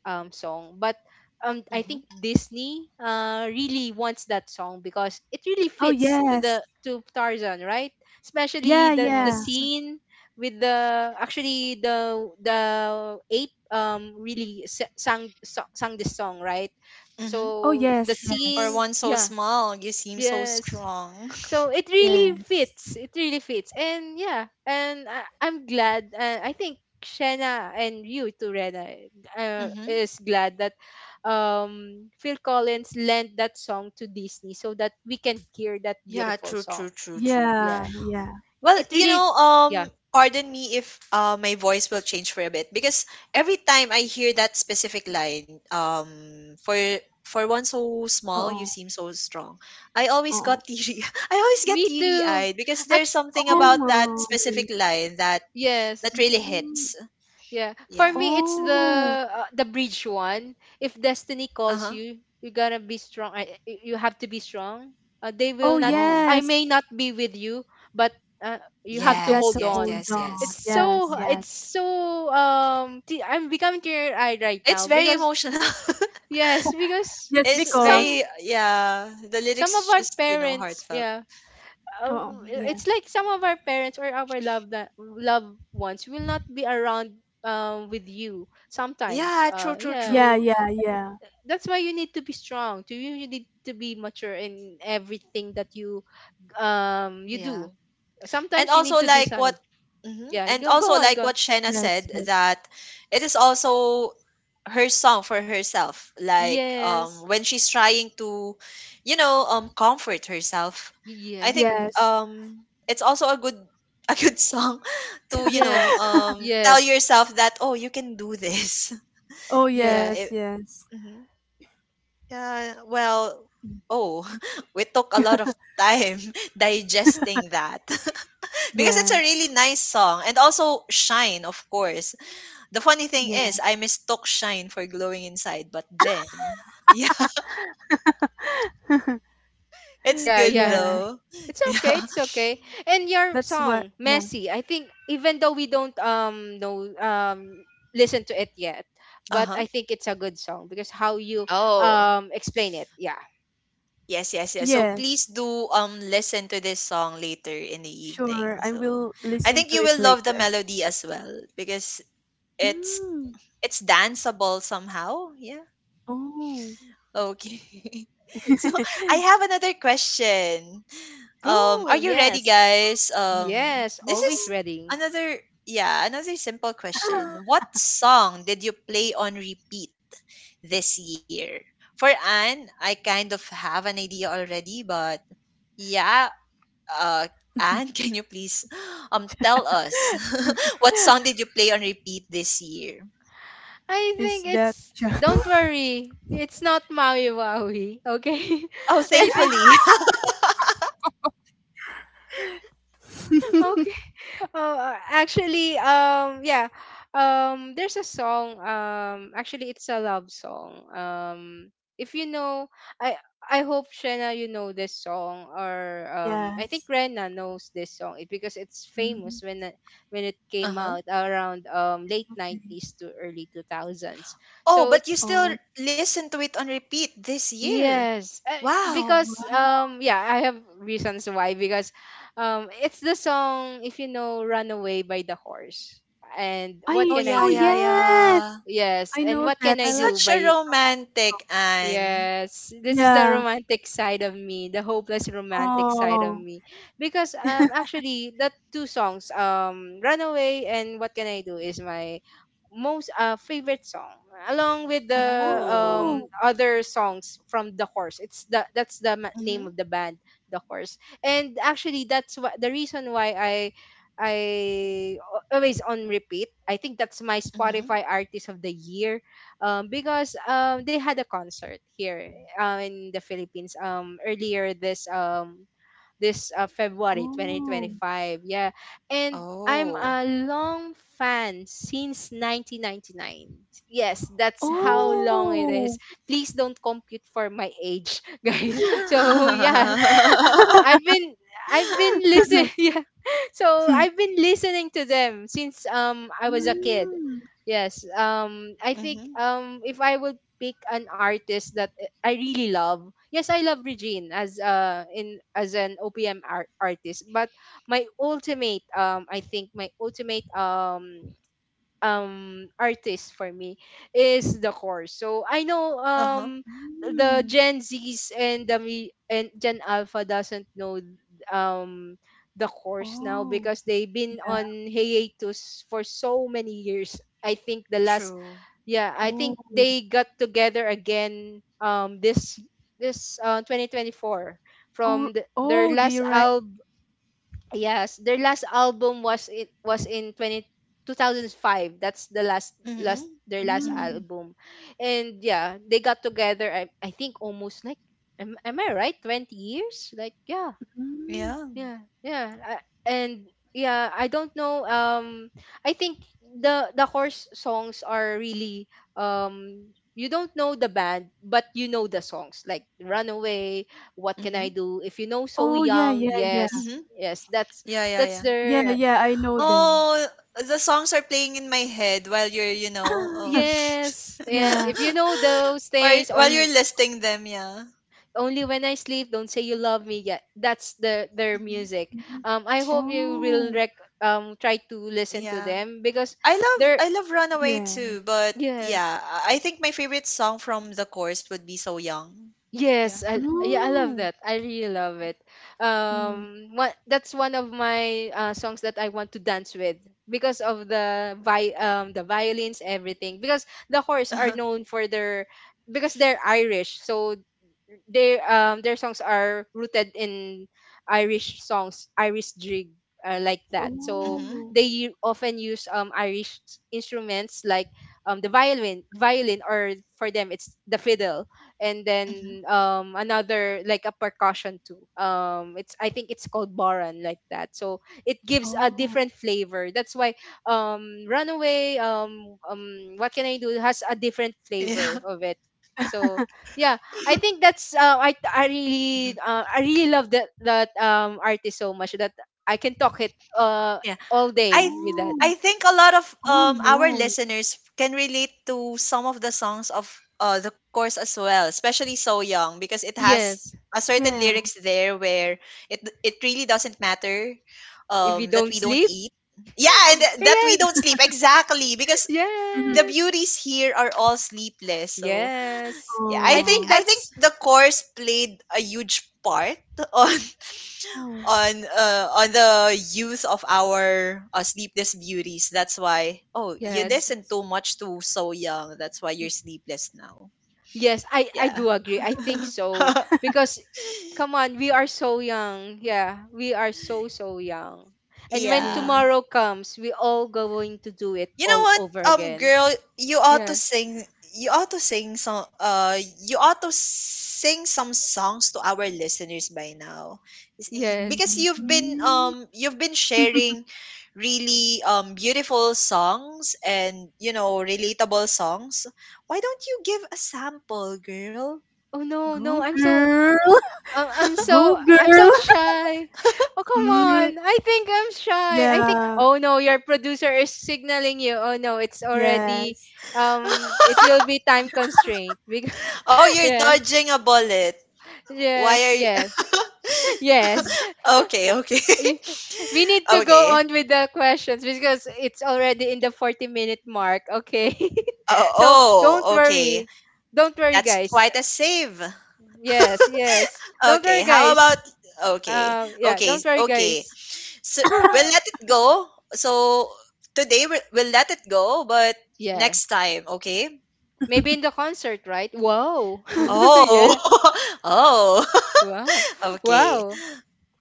B: song. But I
A: Mm-hmm.
B: think Disney really wants that song because it really
C: Oh
B: fits to
C: yes.
B: the to Tarzan, right? Especially
C: Yeah.
B: the
C: Yeah.
A: Yes.
B: scene with the, actually, the ape really sang this song, right?
A: Mm-hmm.
C: Oh
B: So the
C: yes.
A: For
B: scene,
C: Yes.
A: one so
B: yeah,
A: small, you seem so
B: yes,
A: strong.
B: so it really
C: Yes.
B: fits, it really fits. And yeah, and I'm glad, I think Shanna and you too, Rena,
A: Mm-hmm.
B: is glad that Phil Collins lent that song to Disney so that we can hear that
A: Yeah,
B: beautiful
A: true, true,
B: song.
A: true, true.
B: Yeah,
C: Yeah. Yeah.
A: Well,
B: it
A: you
B: really,
A: know,
B: yeah.
A: pardon me if my voice will change for a bit because every time I hear that specific line, for one so
C: Uh
A: small, you
C: oh.
A: seem so strong. I
C: Uh
A: always got
C: oh.
A: teary. I always get
B: Me
A: teary
B: too,
A: eyed because there's
B: actually,
A: something
C: Oh
B: yeah.
A: about that specific
C: my.
A: line that that
B: Yes.
A: really
C: Mm.
A: hits.
B: Yeah, for
A: Yeah.
B: me it's
C: Oh.
B: the bridge one. If destiny
A: Uh huh.
B: calls you, you gotta be strong. You have to be strong. They will
C: Oh
B: not.
A: Oh.
B: I may
C: yes.
B: not be with you, but you have
C: You
B: to
A: Yes,
C: got
B: hold
C: to
A: yes,
B: on.
C: hold
A: yes,
B: It's
C: on.
A: yes.
B: so.
C: Yes.
A: Hmm.
B: It's
C: Yes.
B: so. I'm becoming teary-eyed right
A: It's
B: now
A: very
B: because,
A: emotional.
B: yes, because
C: Yes.
A: It's
B: some
A: very
C: Because.
A: yeah. The
B: some
A: lyrics
B: of
A: is
B: our
A: just you know
B: parents,
A: heartfelt.
B: yeah, uh,
C: Oh.
A: Hmm.
B: it's
C: Yeah.
B: like some of our parents or our loved, that loved ones will not be around with you sometimes,
A: Yeah, true, true,
B: yeah.
C: Yeah.
A: true.
C: Yeah. Yeah.
B: That's why you need to be strong, to you you need to be mature in everything that you
A: Yeah.
B: do.
A: and
B: Sometimes you need
A: also
B: to
A: like
B: decide,
A: what Mhm.
B: yeah.
A: And
B: Go, go
A: also
B: on, go
A: like
B: on.
A: what Shena said
C: Yes. Yes.
A: that it is also her song for herself like
B: Yes,
A: when she's trying to you know comfort herself I think
B: yes,
C: Yes.
A: it's also a good a good song to you know
B: yes,
A: tell
B: yes,
A: yourself that oh you can do this.
C: Oh,
B: yes,
A: Yeah
B: yes,
C: yes, yes.
A: mhm. Yeah well oh we took a lot of time digesting that because it's a
C: Yes.
A: really nice song and also shine of course the funny thing
C: Yeah.
A: is I mistook shine for glowing inside but then yeah it's
B: yeah,
A: good
B: yeah.
C: Yeah.
A: though.
B: It's okay,
A: Yeah.
B: it's okay. And your
C: That's what,
B: song,
C: yeah.
B: Messy, I think even though we don't know, listen to it yet, but
A: Uh-huh.
B: I think it's a good song because how you
A: Oh
B: explain it. Yeah.
A: yes yes yes so please
C: Yes.
A: do listen to this song later in the evening
C: Sure. I
A: so
C: will
A: I
C: listen
A: think you
C: to
A: will
C: it
A: love the
C: later.
A: melody as well because it's
C: Mm.
A: it's danceable somehow. Yeah.
C: Oh.
A: Okay. So I have another question.
B: Go.
A: Are you ready,
B: Yes.
A: guys?
B: Yes,
A: This
B: always
A: is
B: ready.
A: another, yeah, another simple question. What song did you play on repeat this year? For Anne, I kind of have an idea already, but yeah, uh, Anne, can you please tell us what song did you play on repeat this year?
B: I
C: Is
B: think
C: that
B: it's, don't
C: just?
B: worry, it's not Maui Waui, okay?
A: Oh,
B: I think
A: thankfully.
B: okay. Oh, actually, yeah, there's a song. Actually, it's a love song. If you know, I hope, Shena, you know this song, or I think
C: Yes.
B: Rena knows this song, it, because it's
C: Mm,
B: famous when when it came
A: Uh-huh.
B: out around late
C: okay.
B: nineties to early 2000s.
A: Oh,
B: So
A: but you
B: it's,
C: Oh,
A: still listen to it on repeat this year.
B: yes,
A: Wow.
B: because
C: wow.
B: yeah, I have reasons why, because it's the song, if you know Runaway by the Horse and What
A: Oh
B: Can I
A: yeah,
C: Oh,
A: yeah,
B: Do?
A: yeah.
C: yes.
B: Yes,
C: I
B: and
C: know
B: What
C: that.
B: Can
C: I
B: I
C: love
B: Do
A: Such
C: that
A: a
C: song
B: by,
C: also.
A: romantic Anne.
B: yes, this is the
C: Yeah.
B: romantic side of me, the hopeless romantic side of
C: Oh.
B: me, because actually that two songs, Runaway and What Can I Do, is my most favorite song, along with the
C: Oh.
A: Oh.
B: other songs from the horse. It's the, that's the name
A: Mhm.
B: of the band, the horse. And actually that's what the reason why always on repeat. I think that's my
A: Mhm.
B: Spotify artist of the year, because they had a concert here, in the Philippines, earlier this February
C: Oh.
B: 2025. Yeah. And I'm
A: Oh.
B: a long fan since 1999. Yes, that's how
A: Mhm.
B: long it
C: Oh.
B: is. Please don't compute for my age, guys. So, yeah,
A: Mhm.
B: I've been I've been listening, yeah. So I've been listening to them since I was a kid.
C: Mm,
B: Yes. I think if I would pick an artist that I really love. Yes, I love Regine as in as an OPM art- artist, but my ultimate I think my ultimate artist for me is the course. So I know
A: Uh-huh.
B: the
C: mm.
B: Gen Zs and and Gen Alpha doesn't know um the course now
C: Oh,
B: because they've been
C: yeah.
B: on hiatus for so many years. I think the last,
A: True.
B: yeah, I
C: Oh,
B: think they got together again this, 2024
C: oh,
B: from their
C: oh, they
B: last
C: right.
B: album. Yes, their last album was, it was in 20 2005. That's the last last
A: Mhm.
B: their last
A: Mhm.
C: Mm,
B: album. And yeah, they got together, I think almost like, am I right, 20 years? Like yeah,
C: mm.
A: Yeah.
B: yeah, yeah, and yeah, I don't know. I think the horse songs are really You don't know the band, but you know the songs like "Runaway," "What Can I
A: Mhm.
B: Do." If you know "So
C: Oh, yeah,
B: Young,"
C: yeah, yeah,
B: yes,
A: Mhm.
B: yes, that's
A: Yeah, yeah, yeah.
C: yeah,
B: their,
C: yeah. I know them.
A: Oh, the songs are playing in my head while you're, you know,
B: yes, yes.
C: Yeah.
B: If you know those
A: or
B: things,
A: while you're listing them, yeah.
B: only when I sleep, don't say you love me yet. That's their
A: Mhm.
B: music.
C: Mhm.
B: I hope you will
C: Oh,
B: try to listen to
A: Yeah.
B: them because they're,
A: I love Runaway
C: yeah.
A: too, but
B: yes.
A: yeah, I think my favorite song from the course would be So Young. Yeah.
B: Yes, yeah, I love
C: Oh,
B: that. I really love it.
C: mm.
B: What that's one of my songs that I want to dance with because of the violins, everything. Because the horse are known for their, because they're Irish, so their songs are rooted in Irish songs, Irish jig, like that. So
A: Mhm.
C: Oh,
B: they often use Irish instruments like the violin, or for them it's the fiddle, and
A: Mhm.
B: then another, like a percussion too. It's, I think, it's called baran, like that. So it gives a
C: oh,
B: different flavor. That's why Runaway, What Can I Do has a different flavor
A: Yeah.
B: of it. So yeah, I think that's
A: Mhm.
B: I really love that artist so much that I can talk it uh
A: Yeah.
B: all
A: I
B: day with that.
C: oh,
A: I think a lot of
C: oh, no.
A: our listeners can relate to some of the songs of the course as well, especially So Young because it has
B: Yes,
A: a certain
C: Yeah.
A: lyrics there where it really doesn't matter
B: if you
A: that
B: don't
A: we don't
B: sleep.
A: eat. Yeah, and th- that we don't
B: yes,
A: sleep exactly because the
B: yes,
A: beauties here are all sleepless. So
B: yes.
A: yeah, I
B: I
A: think
B: think
C: Oh,
A: I think
B: that's,
A: the course played a huge part on
C: oh,
A: on the use of our sleepless beauties. That's why. Oh, you
C: yeah,
B: yes,
A: listen too much to So Young. That's why you're
B: Y-
A: sleepless now.
B: yes. I
A: Yeah.
B: do agree. I think so because, come on, we are so young. Yeah, we are so, so young. And when
C: yeah.
A: yeah.
B: tomorrow comes, we all going to do it
A: You know
B: all
A: what,
B: over again.
A: girl, you ought to
B: Yeah.
A: sing. You ought to sing some. You ought to sing some songs to our listeners by now,
B: Yes.
A: because
C: Mhm.
A: you've been sharing really beautiful songs and, you know, relatable songs. Why don't you give a sample, girl?
B: Oh no, no,
C: Go
B: I'm
C: girl, go girl.
B: so shy. Oh come
C: Mm,
B: on. I think I'm shy. I think,
C: yeah.
B: oh no, your producer is signaling you. Oh no, it's already
C: Yes.
B: it will be time constraint. Because,
A: Oh, you're
B: yeah.
A: dodging a bullet. Why
B: Yes,
A: are you?
B: yes. Yes.
A: Okay, okay,
B: Y- We need to go
A: okay.
B: on with the questions because it's already in the 40-minute mark, okay?
A: Oh,
B: So, don't
A: oh, okay.
B: worry. Don't worry,
A: That's quite
B: guys.
A: a save.
B: Yes, yes. Don't
A: okay,
B: worry,
A: how about
B: guys.
A: okay,
B: Yeah,
A: okay,
B: don't worry,
A: okay.
B: guys.
A: So we'll let it go. So today we'll let it go, but
B: Yeah,
A: next time, okay?
B: maybe in the concert, right? Wow.
C: Okay.
A: Oh,
B: yeah.
A: oh,
B: Wow.
A: okay.
B: Wow.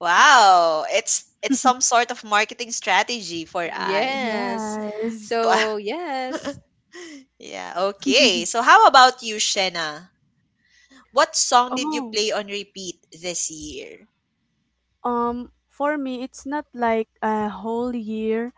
A: Wow, it's some sort of marketing strategy for Anne.
B: Yes.
C: Yes.
A: To a-
B: So yes,
A: yeah. Okay. So how about you, Shena? What song did you
C: Oh,
A: play on repeat this year?
C: for me, it's not like a whole year,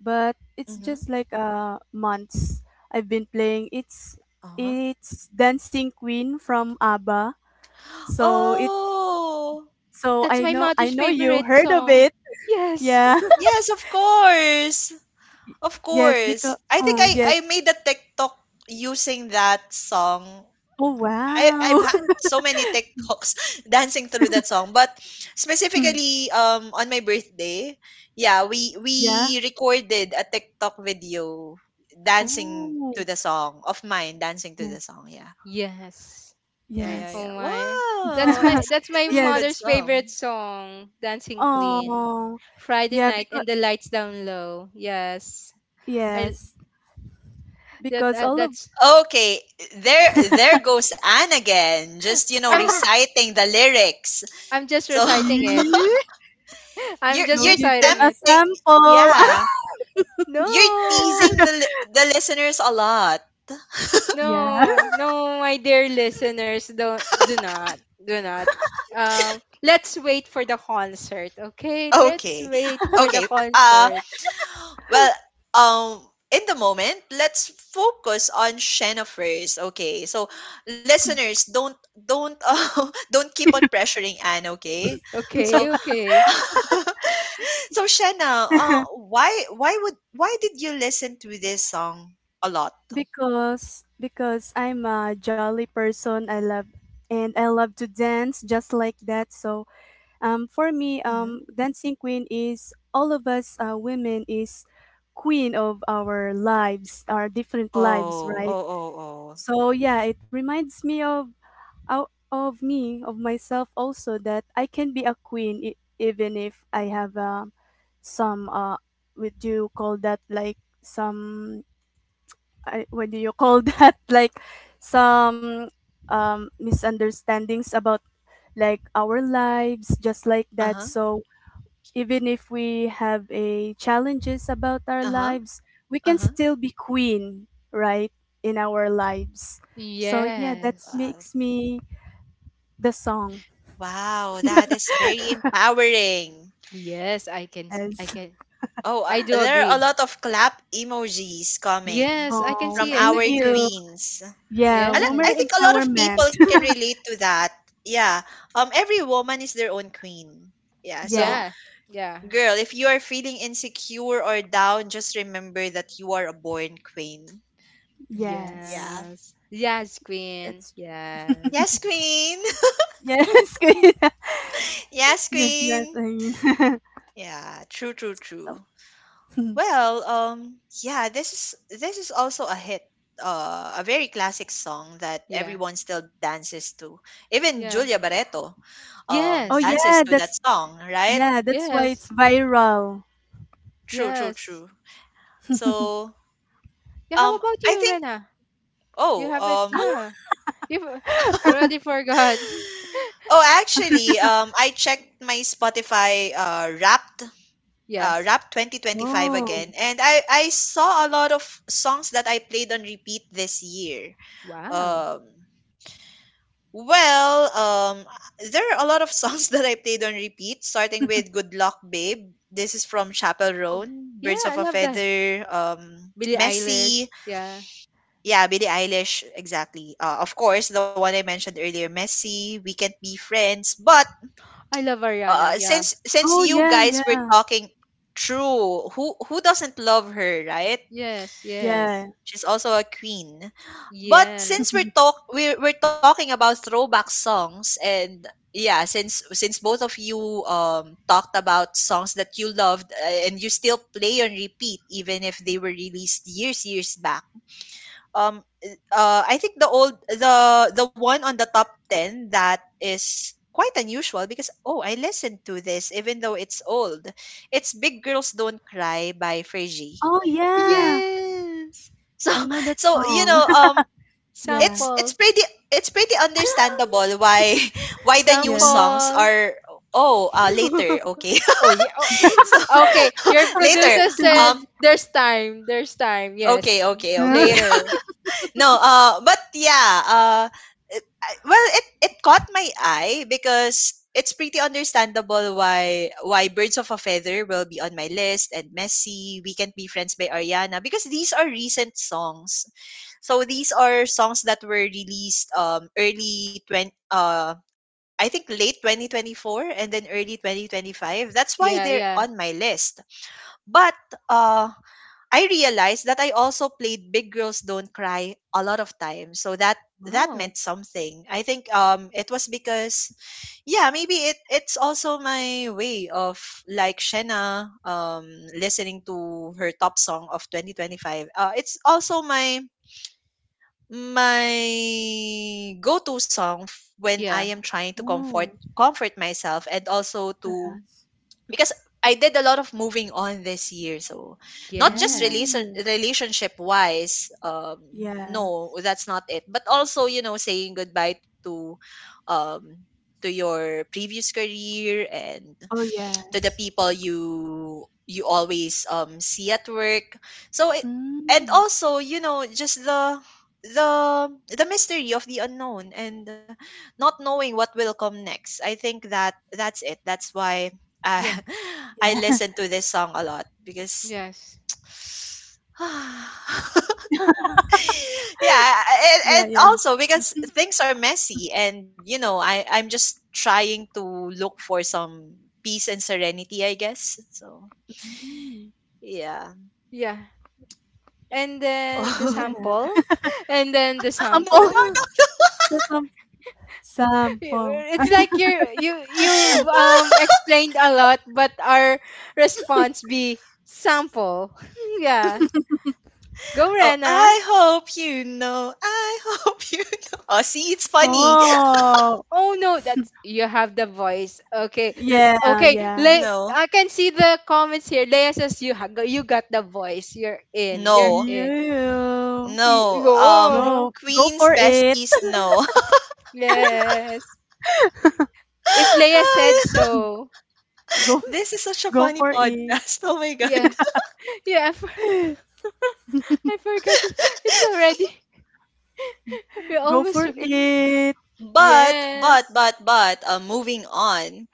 C: but it's
A: Mm-hmm.
C: just like months I've been playing. It's
A: Uh-huh.
C: it's Dancing Queen from ABBA. So it
A: Oh!
C: so
B: that's
C: I
B: my
C: know, I
B: mother's
C: know you
B: favorite
C: heard of
B: song.
C: it.
B: Yes.
C: Yeah.
A: Yes, of course. Of
C: Yes,
A: course.
C: because
A: I think
C: oh yes.
A: I made a TikTok using that song.
C: Oh
A: I've
C: wow.
A: had so many TikToks dancing through that song, but specifically on my birthday, yeah, we
C: Yeah.
A: recorded a TikTok video dancing to
C: Oh
A: the song of mine dancing to
C: yeah.
A: the song. Yeah.
B: Yes.
A: Yeah, yeah,
C: Yes.
A: yeah.
B: Oh my.
A: Wow,
B: That's my
A: it's
B: that's my
A: it's such a
C: Yes.
A: good
B: mother's favorite
A: song.
B: song, Dancing Queen.
C: Oh,
B: Friday
C: yeah,
B: night and
C: because
B: the lights down low. Yes. I
C: yes,
B: that
C: because all of
B: that's
A: Okay, there goes Anne again, just, you know,
B: I'm
A: reciting the lyrics.
B: I'm just
A: So
B: reciting it.
C: Eee,
B: I'm
A: you're
B: just
C: go
A: you're
C: give them
B: reciting
C: a
B: it.
A: tempting,
C: sample.
A: yeah, you're
B: No,
A: teasing the listeners a lot.
C: Yeah.
B: no, no, my dear listeners, don't, do not, do not. Let's wait for the concert, okay? Let's
A: Okay,
B: wait for the
A: okay. Uh,
B: concert,
A: well, in the moment, let's focus on Shena first. Okay, so listeners, don't don't keep on pressuring Anne. Okay, so
B: okay? Okay.
A: So Shanna, why did you listen to this song a lot?
C: Because I'm a jolly person. I love and I love to dance just like that. So for me,
A: Hmm.
C: dancing queen is all of us, women, is queen of our lives, our different lives,
A: Oh,
C: right?
A: oh, oh, oh.
C: So yeah, it reminds me of, out of me, of myself also that I can be a queen, e- even if I have some what do you call that like, some, what do you call that like, some misunderstandings about like our lives, just like that.
A: Uh-huh.
C: So even if we have a challenges about our
A: Uh-huh.
C: lives, we can
A: Uh-huh.
C: still be queen, right, in our lives. So yeah, that
B: Yes,
A: Wow.
C: makes me the song.
A: Wow, that is very empowering.
B: yes, I can, s- I
C: Yes.
B: can,
A: Oh,
B: I do
A: there are a
B: agree.
A: lot of clap emojis coming
B: Yes, I can
C: Oh,
A: from
B: see it. I
C: thank
A: our
B: can see it.
C: you.
A: queens.
C: Yeah,
A: A lot-
C: woman
A: I
B: Yes,
A: think a lot of people
C: empowerment.
A: can relate to that. Yeah. Um, every woman is their own queen. Yeah. So
C: Yeah.
B: yeah, yeah,
A: girl, if you are feeling insecure or down, just remember that you are a born queen.
C: Yes.
A: Yeah.
B: yes, yes,
C: That's
B: Queen. Yes,
A: Yes, queen.
C: yes. Good.
A: Yes,
C: Yes, that's
A: queen.
C: I mean.
A: Yeah, true, true,
C: So.
A: true. Well, yeah, this is also a hit. A very classic song that
B: yeah,
A: everyone still dances to. Even Julia
B: yeah,
A: Barreto
C: Oh
B: yes,
A: dances to that song, right?
C: yeah, that's why it's
B: yes.
C: viral.
A: True, true,
B: Yes.
A: true. So,
B: Yeah, how
A: um,
B: about
A: I
B: you,
A: think
B: Rena? You
A: oh,
B: have it? Yeah. You've already forgot.
A: oh, actually, I checked my Spotify Wrapped, uh,
B: Yes.
A: Wrapped 2025
C: Oh.
A: again, and I saw a lot of songs that I played on repeat this year.
B: Wow.
A: Um, well, there are a lot of songs that I played on repeat, starting with "Good Luck, Babe." This is from Chapel
B: Oh,
A: Roan.
B: yeah,
A: "Birds of
B: I
A: a
B: love that.
A: Feather,"
B: Billie Eilish.
A: "Messy,"
B: Yeah.
A: yeah, Billie Eilish, exactly. Of course, the one I mentioned earlier, "Messy," "We Can't Be Friends," but
B: I love Ariana. Yeah.
A: since
C: Oh
A: you
C: yeah,
A: guys were
C: yeah.
A: talking true, who doesn't love her, right?
B: Yes, yes.
C: Yeah.
A: She's also a queen, but since
B: Yes.
A: we're talk we're, we're talking about throwback songs and yeah, since both of you talked about songs that you loved and you still play on repeat even if they were released years years back, um, I think the one on the top 10 that is quite unusual because oh, I listened to this even though it's old. It's Big Girls Don't Cry by Fergie.
C: Oh
A: Yeah.
C: yeah.
B: Yes.
A: So
C: I know that
A: so, you know,
C: song.
A: um,
C: Yeah.
A: it's
B: Sample.
A: pretty, it's pretty understandable why why the new
C: Yeah.
A: songs
B: Sample.
A: are oh later okay
B: Oh, yeah. Oh,
A: so
B: okay. Your
A: later
B: producer said
A: um
B: there's time. There's time.
A: okay
B: Yes.
A: okay
C: Yeah.
A: okay
B: Later.
A: No, but yeah, well, it caught my eye because it's pretty understandable why Birds of a Feather will be on my list and Messy, We Can't Be Friends by Ariana because these are recent songs. So these are songs that were released I think late 2024 and then early 2025. That's why
B: Yeah,
A: they're
B: yeah.
A: on my list. But uh I realized that I also played Big Girls Don't Cry a lot of times. So that
B: Wow.
A: meant something. I think it was because yeah, maybe it's also my way of, like Shena, um, listening to her top song of 2025. Uh, it's also my go-to song when
B: Yeah.
A: I am trying to comfort
C: Oh.
A: comfort myself, and also to
C: Yes.
A: because I did a lot of moving on this year. So not just release
B: Yes.
C: Oh.
A: relationship wise, no,
C: Yes.
A: that's not it. But also, you know, saying goodbye um to your previous career and
C: Oh
A: to the
C: yes.
A: people you always see at work so it, and
C: Mm.
A: also you know just the the mystery of the unknown and not knowing what will come next. I think that's it, that's why, uh,
B: Yeah.
A: I
C: Yeah.
A: listen to this song a lot because
B: Yes.
A: yeah,
C: Yeah,
A: and
C: yeah.
A: also because things are messy and, you know, I'm just trying to look for some peace and serenity, I guess. So
C: Hmm,
A: yeah.
B: Yeah. And then the
A: Oh,
C: yeah.
B: sample, and then the
C: Ah,
A: no,
C: sampol.
B: sample.
A: no, no,
C: Sa sam
B: Y-
C: Sample.
B: It's like you're you you
A: no.
B: um explained a lot, but our response be sample. Yeah. Go
A: Oh,
B: Rena.
A: I hope you know. I hope you know. Oh, see, it's funny.
C: Oh,
B: Oh no, that's, you have the voice. Okay,
C: yeah,
B: Okay.
C: yeah.
A: No,
B: I can see the comments here. Leia says you got the voice. You're in. You're
A: no,
B: in.
C: You
A: no.
B: Whoa.
C: go, go
A: Queen's
C: for it.
A: besties, no.
B: Yes. If Leia said so.
C: Go,
A: This is such a
C: go
A: funny
C: for it.
A: podcast. Oh my God.
B: Yeah. Yeah. I forgot it. It's already. We
C: Go
B: almost
C: for
B: forget.
C: it.
B: Yes.
A: But Moving on,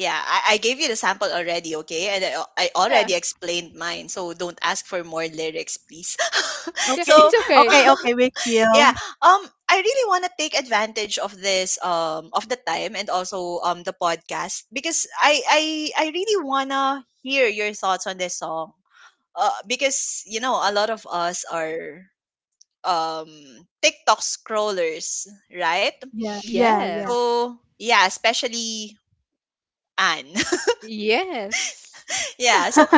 A: yeah, I gave you the sample already, okay, and I
B: Yeah.
A: already explained mine, so don't ask for more lyrics, please.
B: Yeah.
C: Okay,
B: It's
A: So
B: okay.
C: okay, okay. We
A: yeah,
C: chill.
A: um, I really want to take advantage of this of the time and also the podcast because I really wanna hear your thoughts on this song. Because, you know, a lot of us are um TikTok scrollers, right?
C: Yeah, yeah, yeah.
B: Yes.
A: So, yeah, especially Anne.
B: Yes.
A: Yeah, so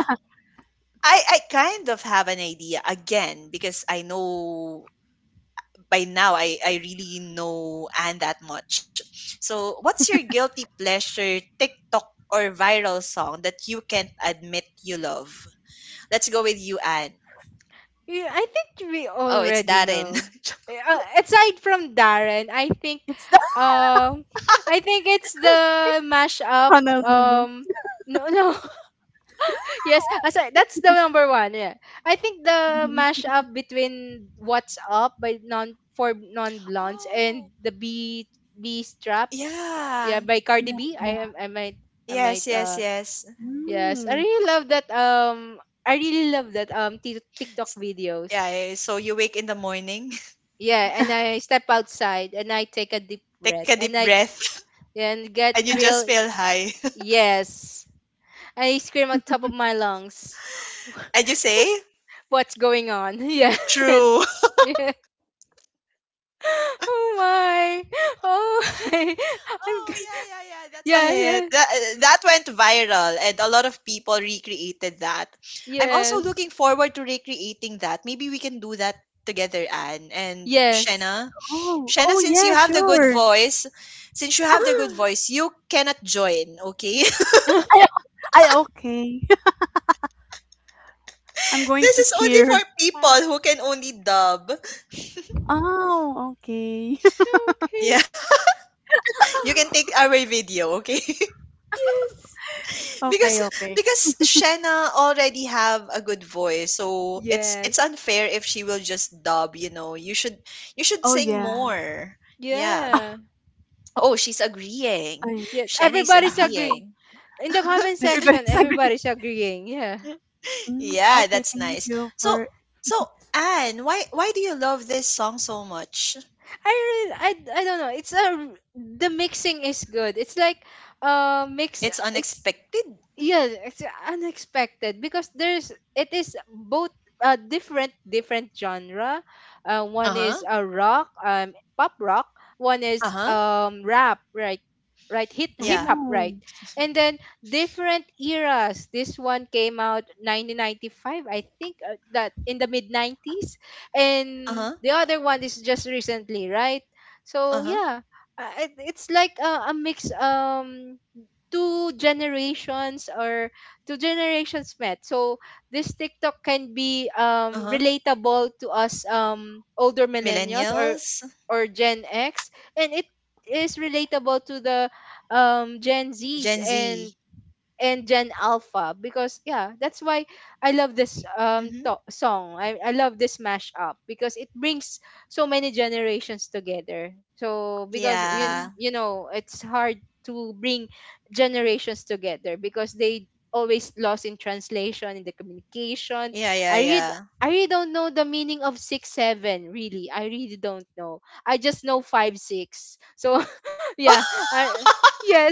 A: I kind of have an idea again because I know by now I really know Anne that much. So, what's your guilty pleasure TikTok or viral song that you can't admit you love? Let's go with you, Anne.
B: Yeah, I think we
A: Oh, it's
B: already
A: Darren.
B: know. Aside from Darren, I think,
C: It's the
B: um, I think it's the
C: it's
B: mashup.
C: Honolulu.
B: Um, no, no. Yes. Aside, that's the number one. Yeah. I think the
C: Mhm.
B: mashup between "What's Up" by non for non blondes
A: Oh,
B: and the B strap,
A: yeah.
B: yeah, by Cardi
C: Yeah,
B: B.
C: yeah.
B: I am I might I might
A: Yes, yes,
B: uh
A: yes.
B: yes.
C: Mm.
B: I really love that TikTok videos.
A: Yeah, eh, so you wake in the morning,
B: Yeah, and I step outside and I take a deep
A: take a
B: breath,
A: deep
B: and I
A: breath,
B: and get
A: and you just
B: real.
A: feel high.
B: Yes. I scream at top of my lungs.
A: And you say?
B: What's going on? Yes.
A: True.
B: Yeah. Oh my. Oh my. I'm
A: Oh,
B: g-
A: yeah, yeah, yeah. That's a
B: yeah, yeah.
A: hit. That, that went viral, and a lot of people recreated that. I'm also
B: Yes.
A: looking forward to recreating that. Maybe we can do that together, Anne and
B: Yes.
A: Shenna.
C: Oh,
A: Shenna,
C: oh
A: since you
C: yeah,
A: have the good
C: sure.
A: voice, since you have the good voice, you cannot join, okay?
C: I, I okay. I'm going
A: This
C: to
A: is only for
C: cheer.
A: people
B: Ah,
A: who can only dub.
C: Oh, okay.
B: okay.
A: Yeah, you can take our video, okay?
B: Yes.
C: Okay,
A: because
C: okay.
A: because Shanna already have a good voice, so it's
B: Yes.
A: unfair if she will just dub. You know, you should
C: Oh,
A: sing
C: yeah.
A: more. Yeah.
B: Yeah.
A: Oh, she's agreeing.
C: I
B: Yes.
A: Shanna is
B: Everybody's agreeing.
A: agreeing.
B: In the comment section,
C: everybody's agree.
B: everybody's agreeing. Yeah.
C: Mm,
A: Yeah,
C: okay,
A: that's
C: thank
A: nice.
C: you
A: So
C: for.
A: so Anne, why do you love this song so much?
B: I don't know. It's a the mixing is good. It's like mix.
A: It's
B: It's
A: unexpected.
B: Yes, it's unexpected because there's it is both different genre.
A: Uh
B: One is
A: huh.
B: a rock, pop rock. One is
A: Uh huh.
B: rap, right? Right, hip
A: Yeah.
B: hop, right?
C: Oh,
B: And then different eras. This one came out 1995, I think, that in the mid 90s,
A: Uh
B: and
A: huh.
B: the other one is just recently, right? So
A: Uh huh.
B: yeah, it's like a mix. Two generations or two generations met. So this TikTok can be
A: Uh huh.
B: relatable to us older millennials, or
A: Millennials,
B: Gen X, and it is relatable to the Gen Zs
A: Gen
B: and
A: Z.
B: Gen Alpha, because yeah, that's why I love this
A: Mm-hmm.
B: song. I love this mashup because it brings so many generations together. So because you
C: oh.
A: Yeah.
B: you know, it's hard to bring generations together because they always lost in translation in the communication.
A: Yeah,
B: I
A: yeah,
B: read.
A: yeah.
B: I really don't know the meaning of 6-7. Really, I really don't know. I just know 5-6. So yeah, yes,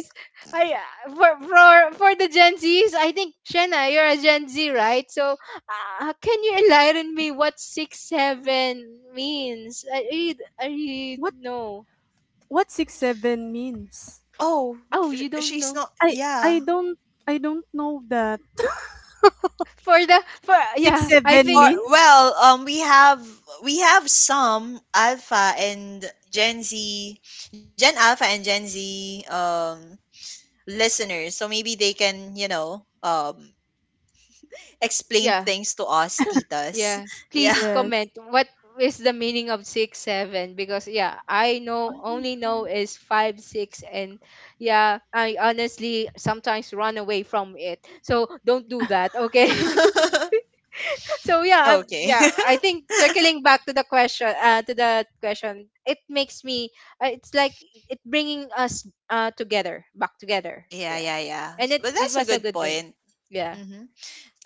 B: I for the Gen Zs, I think. Shanna, you're a Gen Z, right? So, can you enlighten me what 6-7 means? I you I You
C: What
B: know?
C: what 6-7 means?
A: Oh,
B: Oh,
A: sh
B: you don't
A: she's
B: know
A: not
C: I I
A: yeah.
C: don't I don't know that.
B: for the for yeah. I
C: 6-7
B: think.
A: For
C: means?
A: well, um, we have some alpha and Gen Z, Gen Alpha and Gen Z um listeners. So maybe they can, you know, um, explain
B: Yeah,
A: things to us titas.
B: yeah.
A: Yeah.
B: Please
C: Yes.
B: comment what is the meaning of 6-7, because yeah, I
C: I
B: know only
C: don't.
B: know is 5-6, and yeah. I honestly sometimes run away from it. So don't do that, okay? So yeah,
A: Okay.
B: yeah, I think, circling back to the question, it makes me it's like, it bringing us together, back together.
A: Yeah,
B: Yeah,
A: yeah, yeah.
B: and it
A: But
B: it
A: that's a
B: was a
A: good
B: good thing.
A: point.
B: Yeah.
A: Mm-hmm.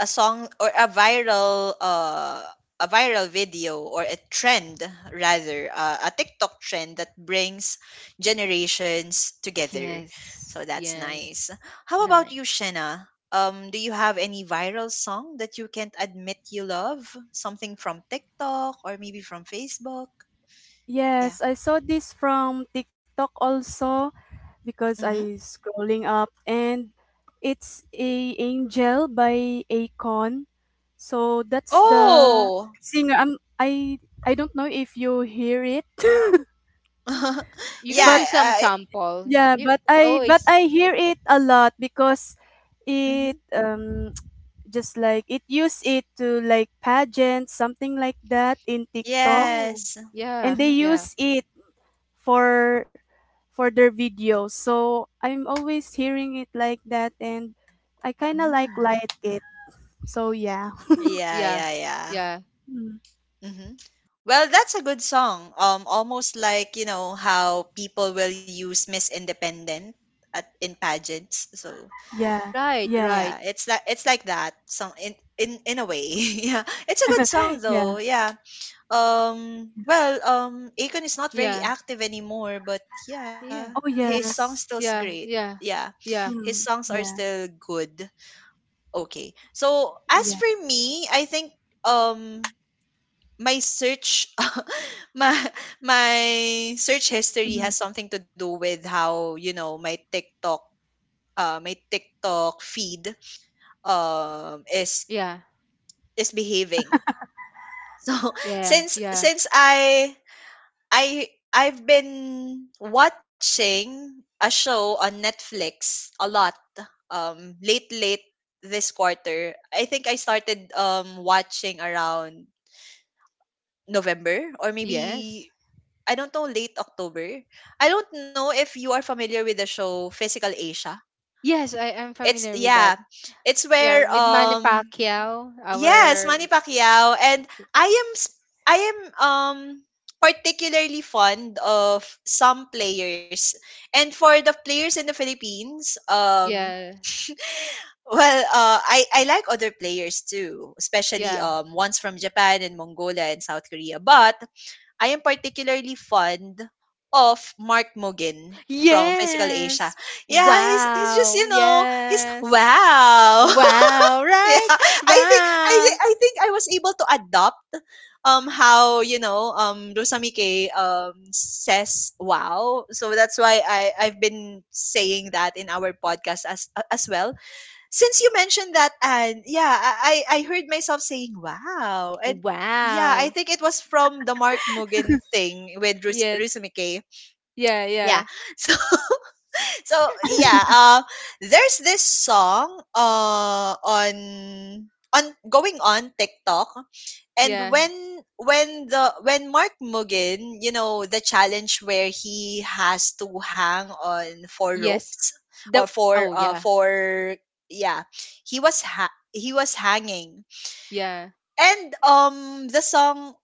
A: A song or a viral video or a trend, rather, a TikTok trend that brings generations together. So
B: Yes.
A: that's
B: Yeah.
A: nice. How about
B: Nice.
A: you, Shena? Do you have any viral song that you can't admit you love? Something from TikTok or maybe from Facebook? Yeah.
C: Yes, I saw this from TikTok also. Because
A: Mm-hmm.
C: I scrolling up and it's a Angel by Akon. So that's the
A: Oh,
C: singer. I don't know if you hear it,
B: You
A: yeah.
B: can
C: but
B: do some
A: I,
B: sample.
C: yeah,
B: You
C: but
B: always.
C: I hear it a lot because it
A: mhm.
C: just like it use it to like pageant, something like that in TikTok,
B: Oh,
A: Yes.
B: yeah,
C: and they
A: Mm-hmm.
B: yeah,
C: use it for their videos. So I'm always hearing it like that, and I kinda
A: Mm.
C: like it. So yeah.
B: yeah,
A: Yeah,
B: yeah,
A: yeah, yeah.
B: yeah.
C: Mm.
A: Hmm. Well, that's a good song. Almost like, you know, how people will use Miss Independent at in pageants. So
C: Yeah.
B: Right,
C: Yeah.
B: right.
A: yeah, it's like that. Some in a way. Yeah, it's a good song
C: Yeah.
A: though. Yeah. Well. Akon is not very
B: Yeah,
A: active anymore, but yeah,
B: yeah,
C: Oh
A: his song
C: yes.
A: still's great.
B: yeah, yeah,
A: Yeah,
B: yeah,
A: his
C: Mm.
A: songs are
C: Yeah.
A: still good. Okay. So as
C: Yeah.
A: for me, I think um my search my my search history
C: Mhm.
A: has something to do with how, you know, my TikTok feed um is
B: yeah,
A: is behaving. So
B: yeah,
A: since
B: yeah.
A: since I I've been watching a show on Netflix a lot late this quarter. I think I started watching around November or
B: Yes.
A: maybe I don't know, late October. I don't know if you are familiar with the show Physical Asia.
B: Yes, I am
A: It's
B: familiar with
A: yeah,
B: that.
A: it's
B: Yeah,
A: where
B: with Manny Pacquiao,
A: yes,
B: our
A: Manny Pacquiao and I am s- I am particularly fond of some players. And for the players in the Philippines,
B: yeah,
A: I like other players too, especially
B: yeah.
A: ones from Japan and Mongolia and South Korea. But I am particularly fond of Mark Mogan from Physical Asia.
B: Yes.
A: Yeah, he's just
B: Wow.
A: he's
B: Yes.
A: wow.
B: Wow, right?
A: yeah, I think
B: Wow.
A: I think I was able to adopt how Rosamike says wow. So that's why I've been saying that in our podcast as well since you mentioned that. And yeah, I heard myself saying wow. And yeah, I
B: Wow.
A: think it was from the Mark Mugen thing with
B: Yes.
A: Rusumike.
B: Yeah,
A: Yeah,
B: yeah.
A: so so yeah, there's this song on going on TikTok. And
B: Yeah.
A: when Mark Mugen, you know, the challenge where he has to hang on four
B: Yes.
A: ropes
B: The
A: or
B: Oh, yeah.
A: four, yeah, he was hanging.
B: Yeah.
A: And the song,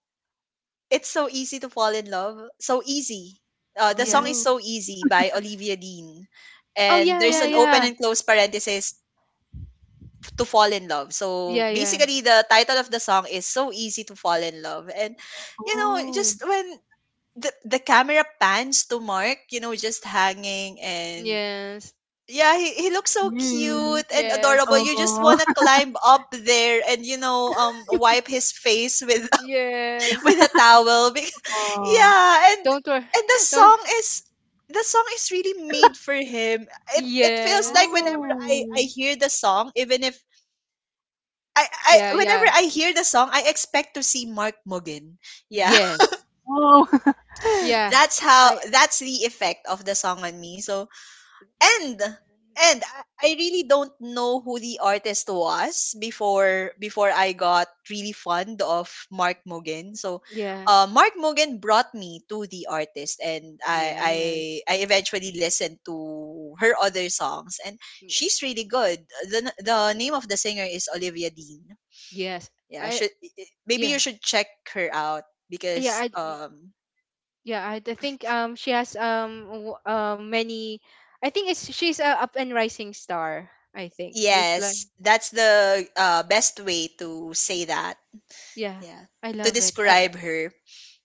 A: it's so easy to fall in love, so easy. The song
B: Yeah.
A: is
C: Oh.
A: So Easy by Olivia Dean.
B: Oh,
A: And
B: yeah,
A: there's
B: yeah,
A: an open
B: yeah.
C: Oh.
A: and close parenthesis to fall in love. So
B: Yeah, yeah.
A: basically, the title of the song is "So Easy to Fall in Love," and you know,
C: Oh.
A: just when the the camera pans to Mark, you know, just hanging. And
B: Yes.
A: yeah, he looks so
C: Yeah.
A: cute and adorable.
B: Yes.
A: You just
C: Oh.
A: wanna climb up there and you know, wipe his face with with
B: Yes.
A: a towel. Because,
C: Oh.
A: yeah, and
B: Don't worry.
A: and the
B: Don't
A: song is the song is really made for him. It feels like
B: Yes.
A: whenever I
C: Oh.
A: hear the song, even if I,
B: Yeah,
A: I whenever
B: yeah.
A: I hear the song, I expect to see Mark Mugen. Yeah,
B: Yes.
C: Oh.
B: Yeah. I
A: that's the effect of the song on me. So and and I really don't know who the artist was before I got really fond of Mark Mugen. So
B: Yeah.
A: Mark Mugen brought me to the artist, and I
B: Yes.
A: I I eventually listened to her other songs, and
B: Yeah.
A: she's really good. The name of the singer is Olivia Dean.
B: Yes.
A: Yeah,
B: I
A: should maybe you
B: Yeah.
A: should check her out.
B: Yeah,
A: Because
B: I yeah, I, I think she has many. I think it's she's a up and rising star, I think. It's like
A: yes, that's the best way to say that.
B: yeah.
A: Yeah.
B: I
A: To
B: love it. I
A: describe her.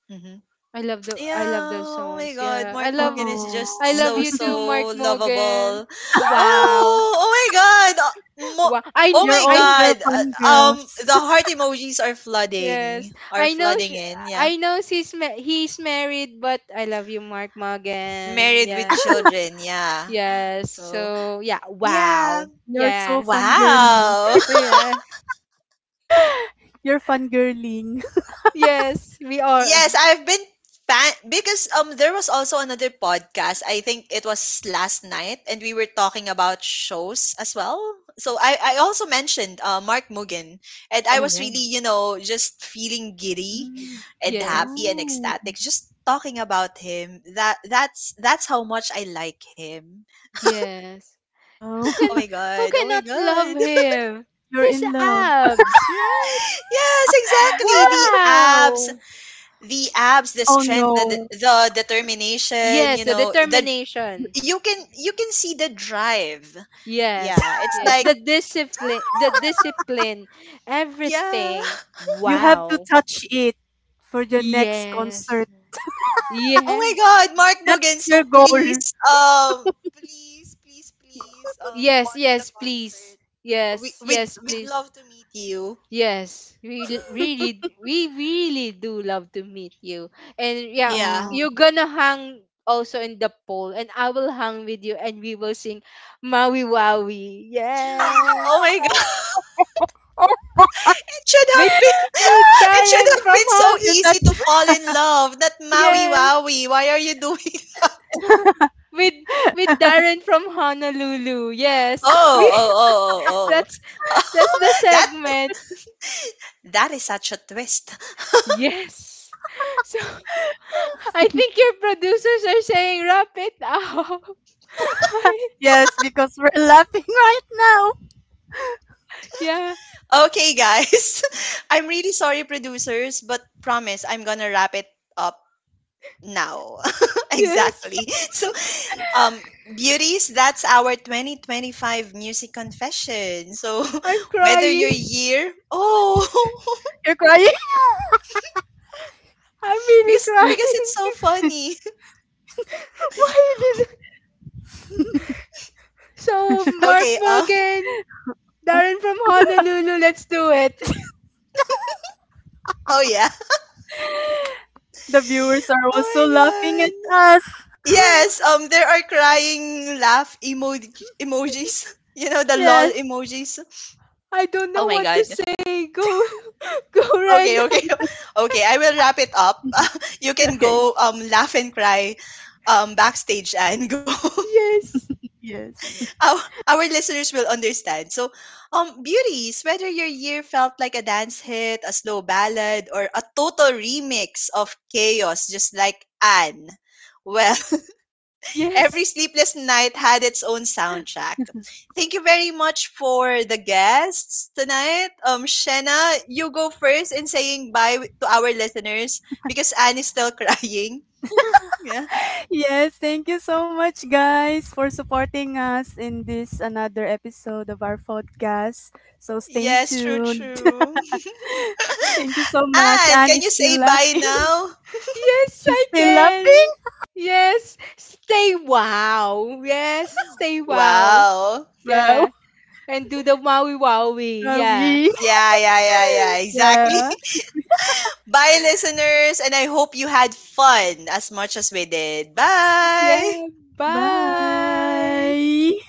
A: hmm
B: I love the
A: Yeah,
B: I love those
A: oh my
B: songs.
A: god,
B: Yeah. I
A: Mark
B: love.
A: Mogan is just
B: I
C: Oh.
B: love you too, Mark
A: so
B: Morgan.
A: lovable.
B: Wow.
A: Oh, oh my god.
B: Wow. I
A: Oh
B: kn-
A: my
C: You're
B: I
A: god.
C: older fun girls.
A: The heart emojis are flooding,
B: Yes,
A: are
B: I know.
A: flooding in, yeah.
B: I know he's married, but I love you, Mark Morgan.
A: Married with
B: Yeah.
A: children, yeah.
B: Yes.
A: So,
B: So yeah. Wow.
A: yeah.
C: You're so
B: Yeah.
C: fun girly.
A: Wow.
B: Yeah.
C: You're fun girling.
B: Yes. We are.
A: Yes, I've been fan because there was also another podcast. I think it was last night and we were talking about shows as well. So I also mentioned Mark Mugen and I
B: Oh
A: was
B: right.
A: really, you know, just feeling giddy and
B: Yes.
A: happy and
C: Oh,
A: ecstatic just talking about him. That's how much I like him.
B: Yes. Who
C: wow.
B: can
A: Oh my
B: who
A: god. Oh my
B: cannot love
A: god.
B: him?
C: You're
B: His
C: in love.
B: abs, right?
A: Yes, exactly. The abs,
B: Wow.
A: the abs, the
C: Oh
A: strength,
C: no.
A: the determination,
B: Yes.
A: you
B: The
A: know, the
B: determination.
A: you can, you can see the drive. Yeah,
B: Yes.
A: it's
B: Yes.
A: like
B: The discipline. The discipline.
A: yeah.
B: Everything.
C: You have to
B: Wow.
C: touch it for the next
B: Yes.
C: concert.
A: Oh
B: Yeah.
A: my God, Mark Bogan.
C: That's
A: So
C: your
A: please,
C: goal.
A: please, please, please,
B: Yes,
A: watch the
B: yes, please.
A: concert.
B: Yes, yes,
A: We'd
B: please.
A: love to meet you.
B: Yes, we really do love to meet you. And yeah,
A: Yeah.
C: Oh.
B: you're gonna hang also in the poll, and I will hang with you, and we will sing Maui Wawi. Yeah,
A: Oh my God. It should
B: with
A: have been it should
B: Darren
A: have
B: from
A: been so
B: Hon.
C: You touch.
A: easy to fall in love. Not Maui
B: Yes,
A: Wowie. Why are you doing?
B: with Darren from Honolulu. Yes,
A: Oh
B: we.
A: oh oh
B: That's
A: oh
B: that's
A: oh.
B: the segment.
A: That is such a twist.
B: Yes. So I think your producers are saying wrap it up. I,
C: Yes, because we're laughing right now.
B: yeah.
A: Okay, guys. I'm really sorry, producers, but promise I'm gonna wrap it up now.
B: Yes.
A: exactly. So, beauties, that's our 2025 music confession. So,
B: I'm
A: whether
B: crying.
A: your year, oh,
C: You're crying.
B: I'm really
C: You're...
A: because it's
B: crying.
A: so funny.
B: Why did So Mark
A: Okay.
B: Morgan,
C: Okay.
B: Darren from Honolulu, let's do it.
A: Oh yeah.
C: The viewers are
A: Oh my
C: also laughing at
A: god.
C: us.
A: Yes. There are crying laugh emojis. You know the lol
C: Yes.
A: emojis.
B: I don't
A: Oh
B: know
A: my
B: what to
A: god.
B: say. Go go
A: Okay,
B: Ren.
A: okay. Okay, I will wrap it up. you can
C: Okay.
A: go laugh and cry backstage and go.
B: Yes.
C: Yes.
A: our, our listeners will understand. So, beauties, whether your year felt like a dance hit, a slow ballad or a total remix of chaos just like Anne. Well, every
B: Yes.
A: sleepless night had its own soundtrack. Thank you very much for the guests tonight. Shenna, you go first in saying bye to our listeners because Anne is still crying. Yeah.
C: Yes, thank you so much guys for supporting us in this another episode of our podcast. So stay
A: Yes, true,
C: tuned.
A: true.
C: Thank you so much.
A: Anne,
C: Anne
A: can
C: is
A: you say
C: still
A: bye
C: laughing.
A: now?
B: Yes,
C: You
B: I
C: still love
B: can.
C: me?
B: Yes. Stay wow. Yes. Stay wow.
A: Wow.
C: Wow.
B: Yeah. And do the Maui Wowie.
C: Are
B: Yeah.
C: we?
A: Yeah, yeah, yeah, yeah, exactly.
C: Yeah.
A: Bye, listeners, and I hope you had fun as much as we did. Bye.
B: Yeah. Bye.
C: Bye.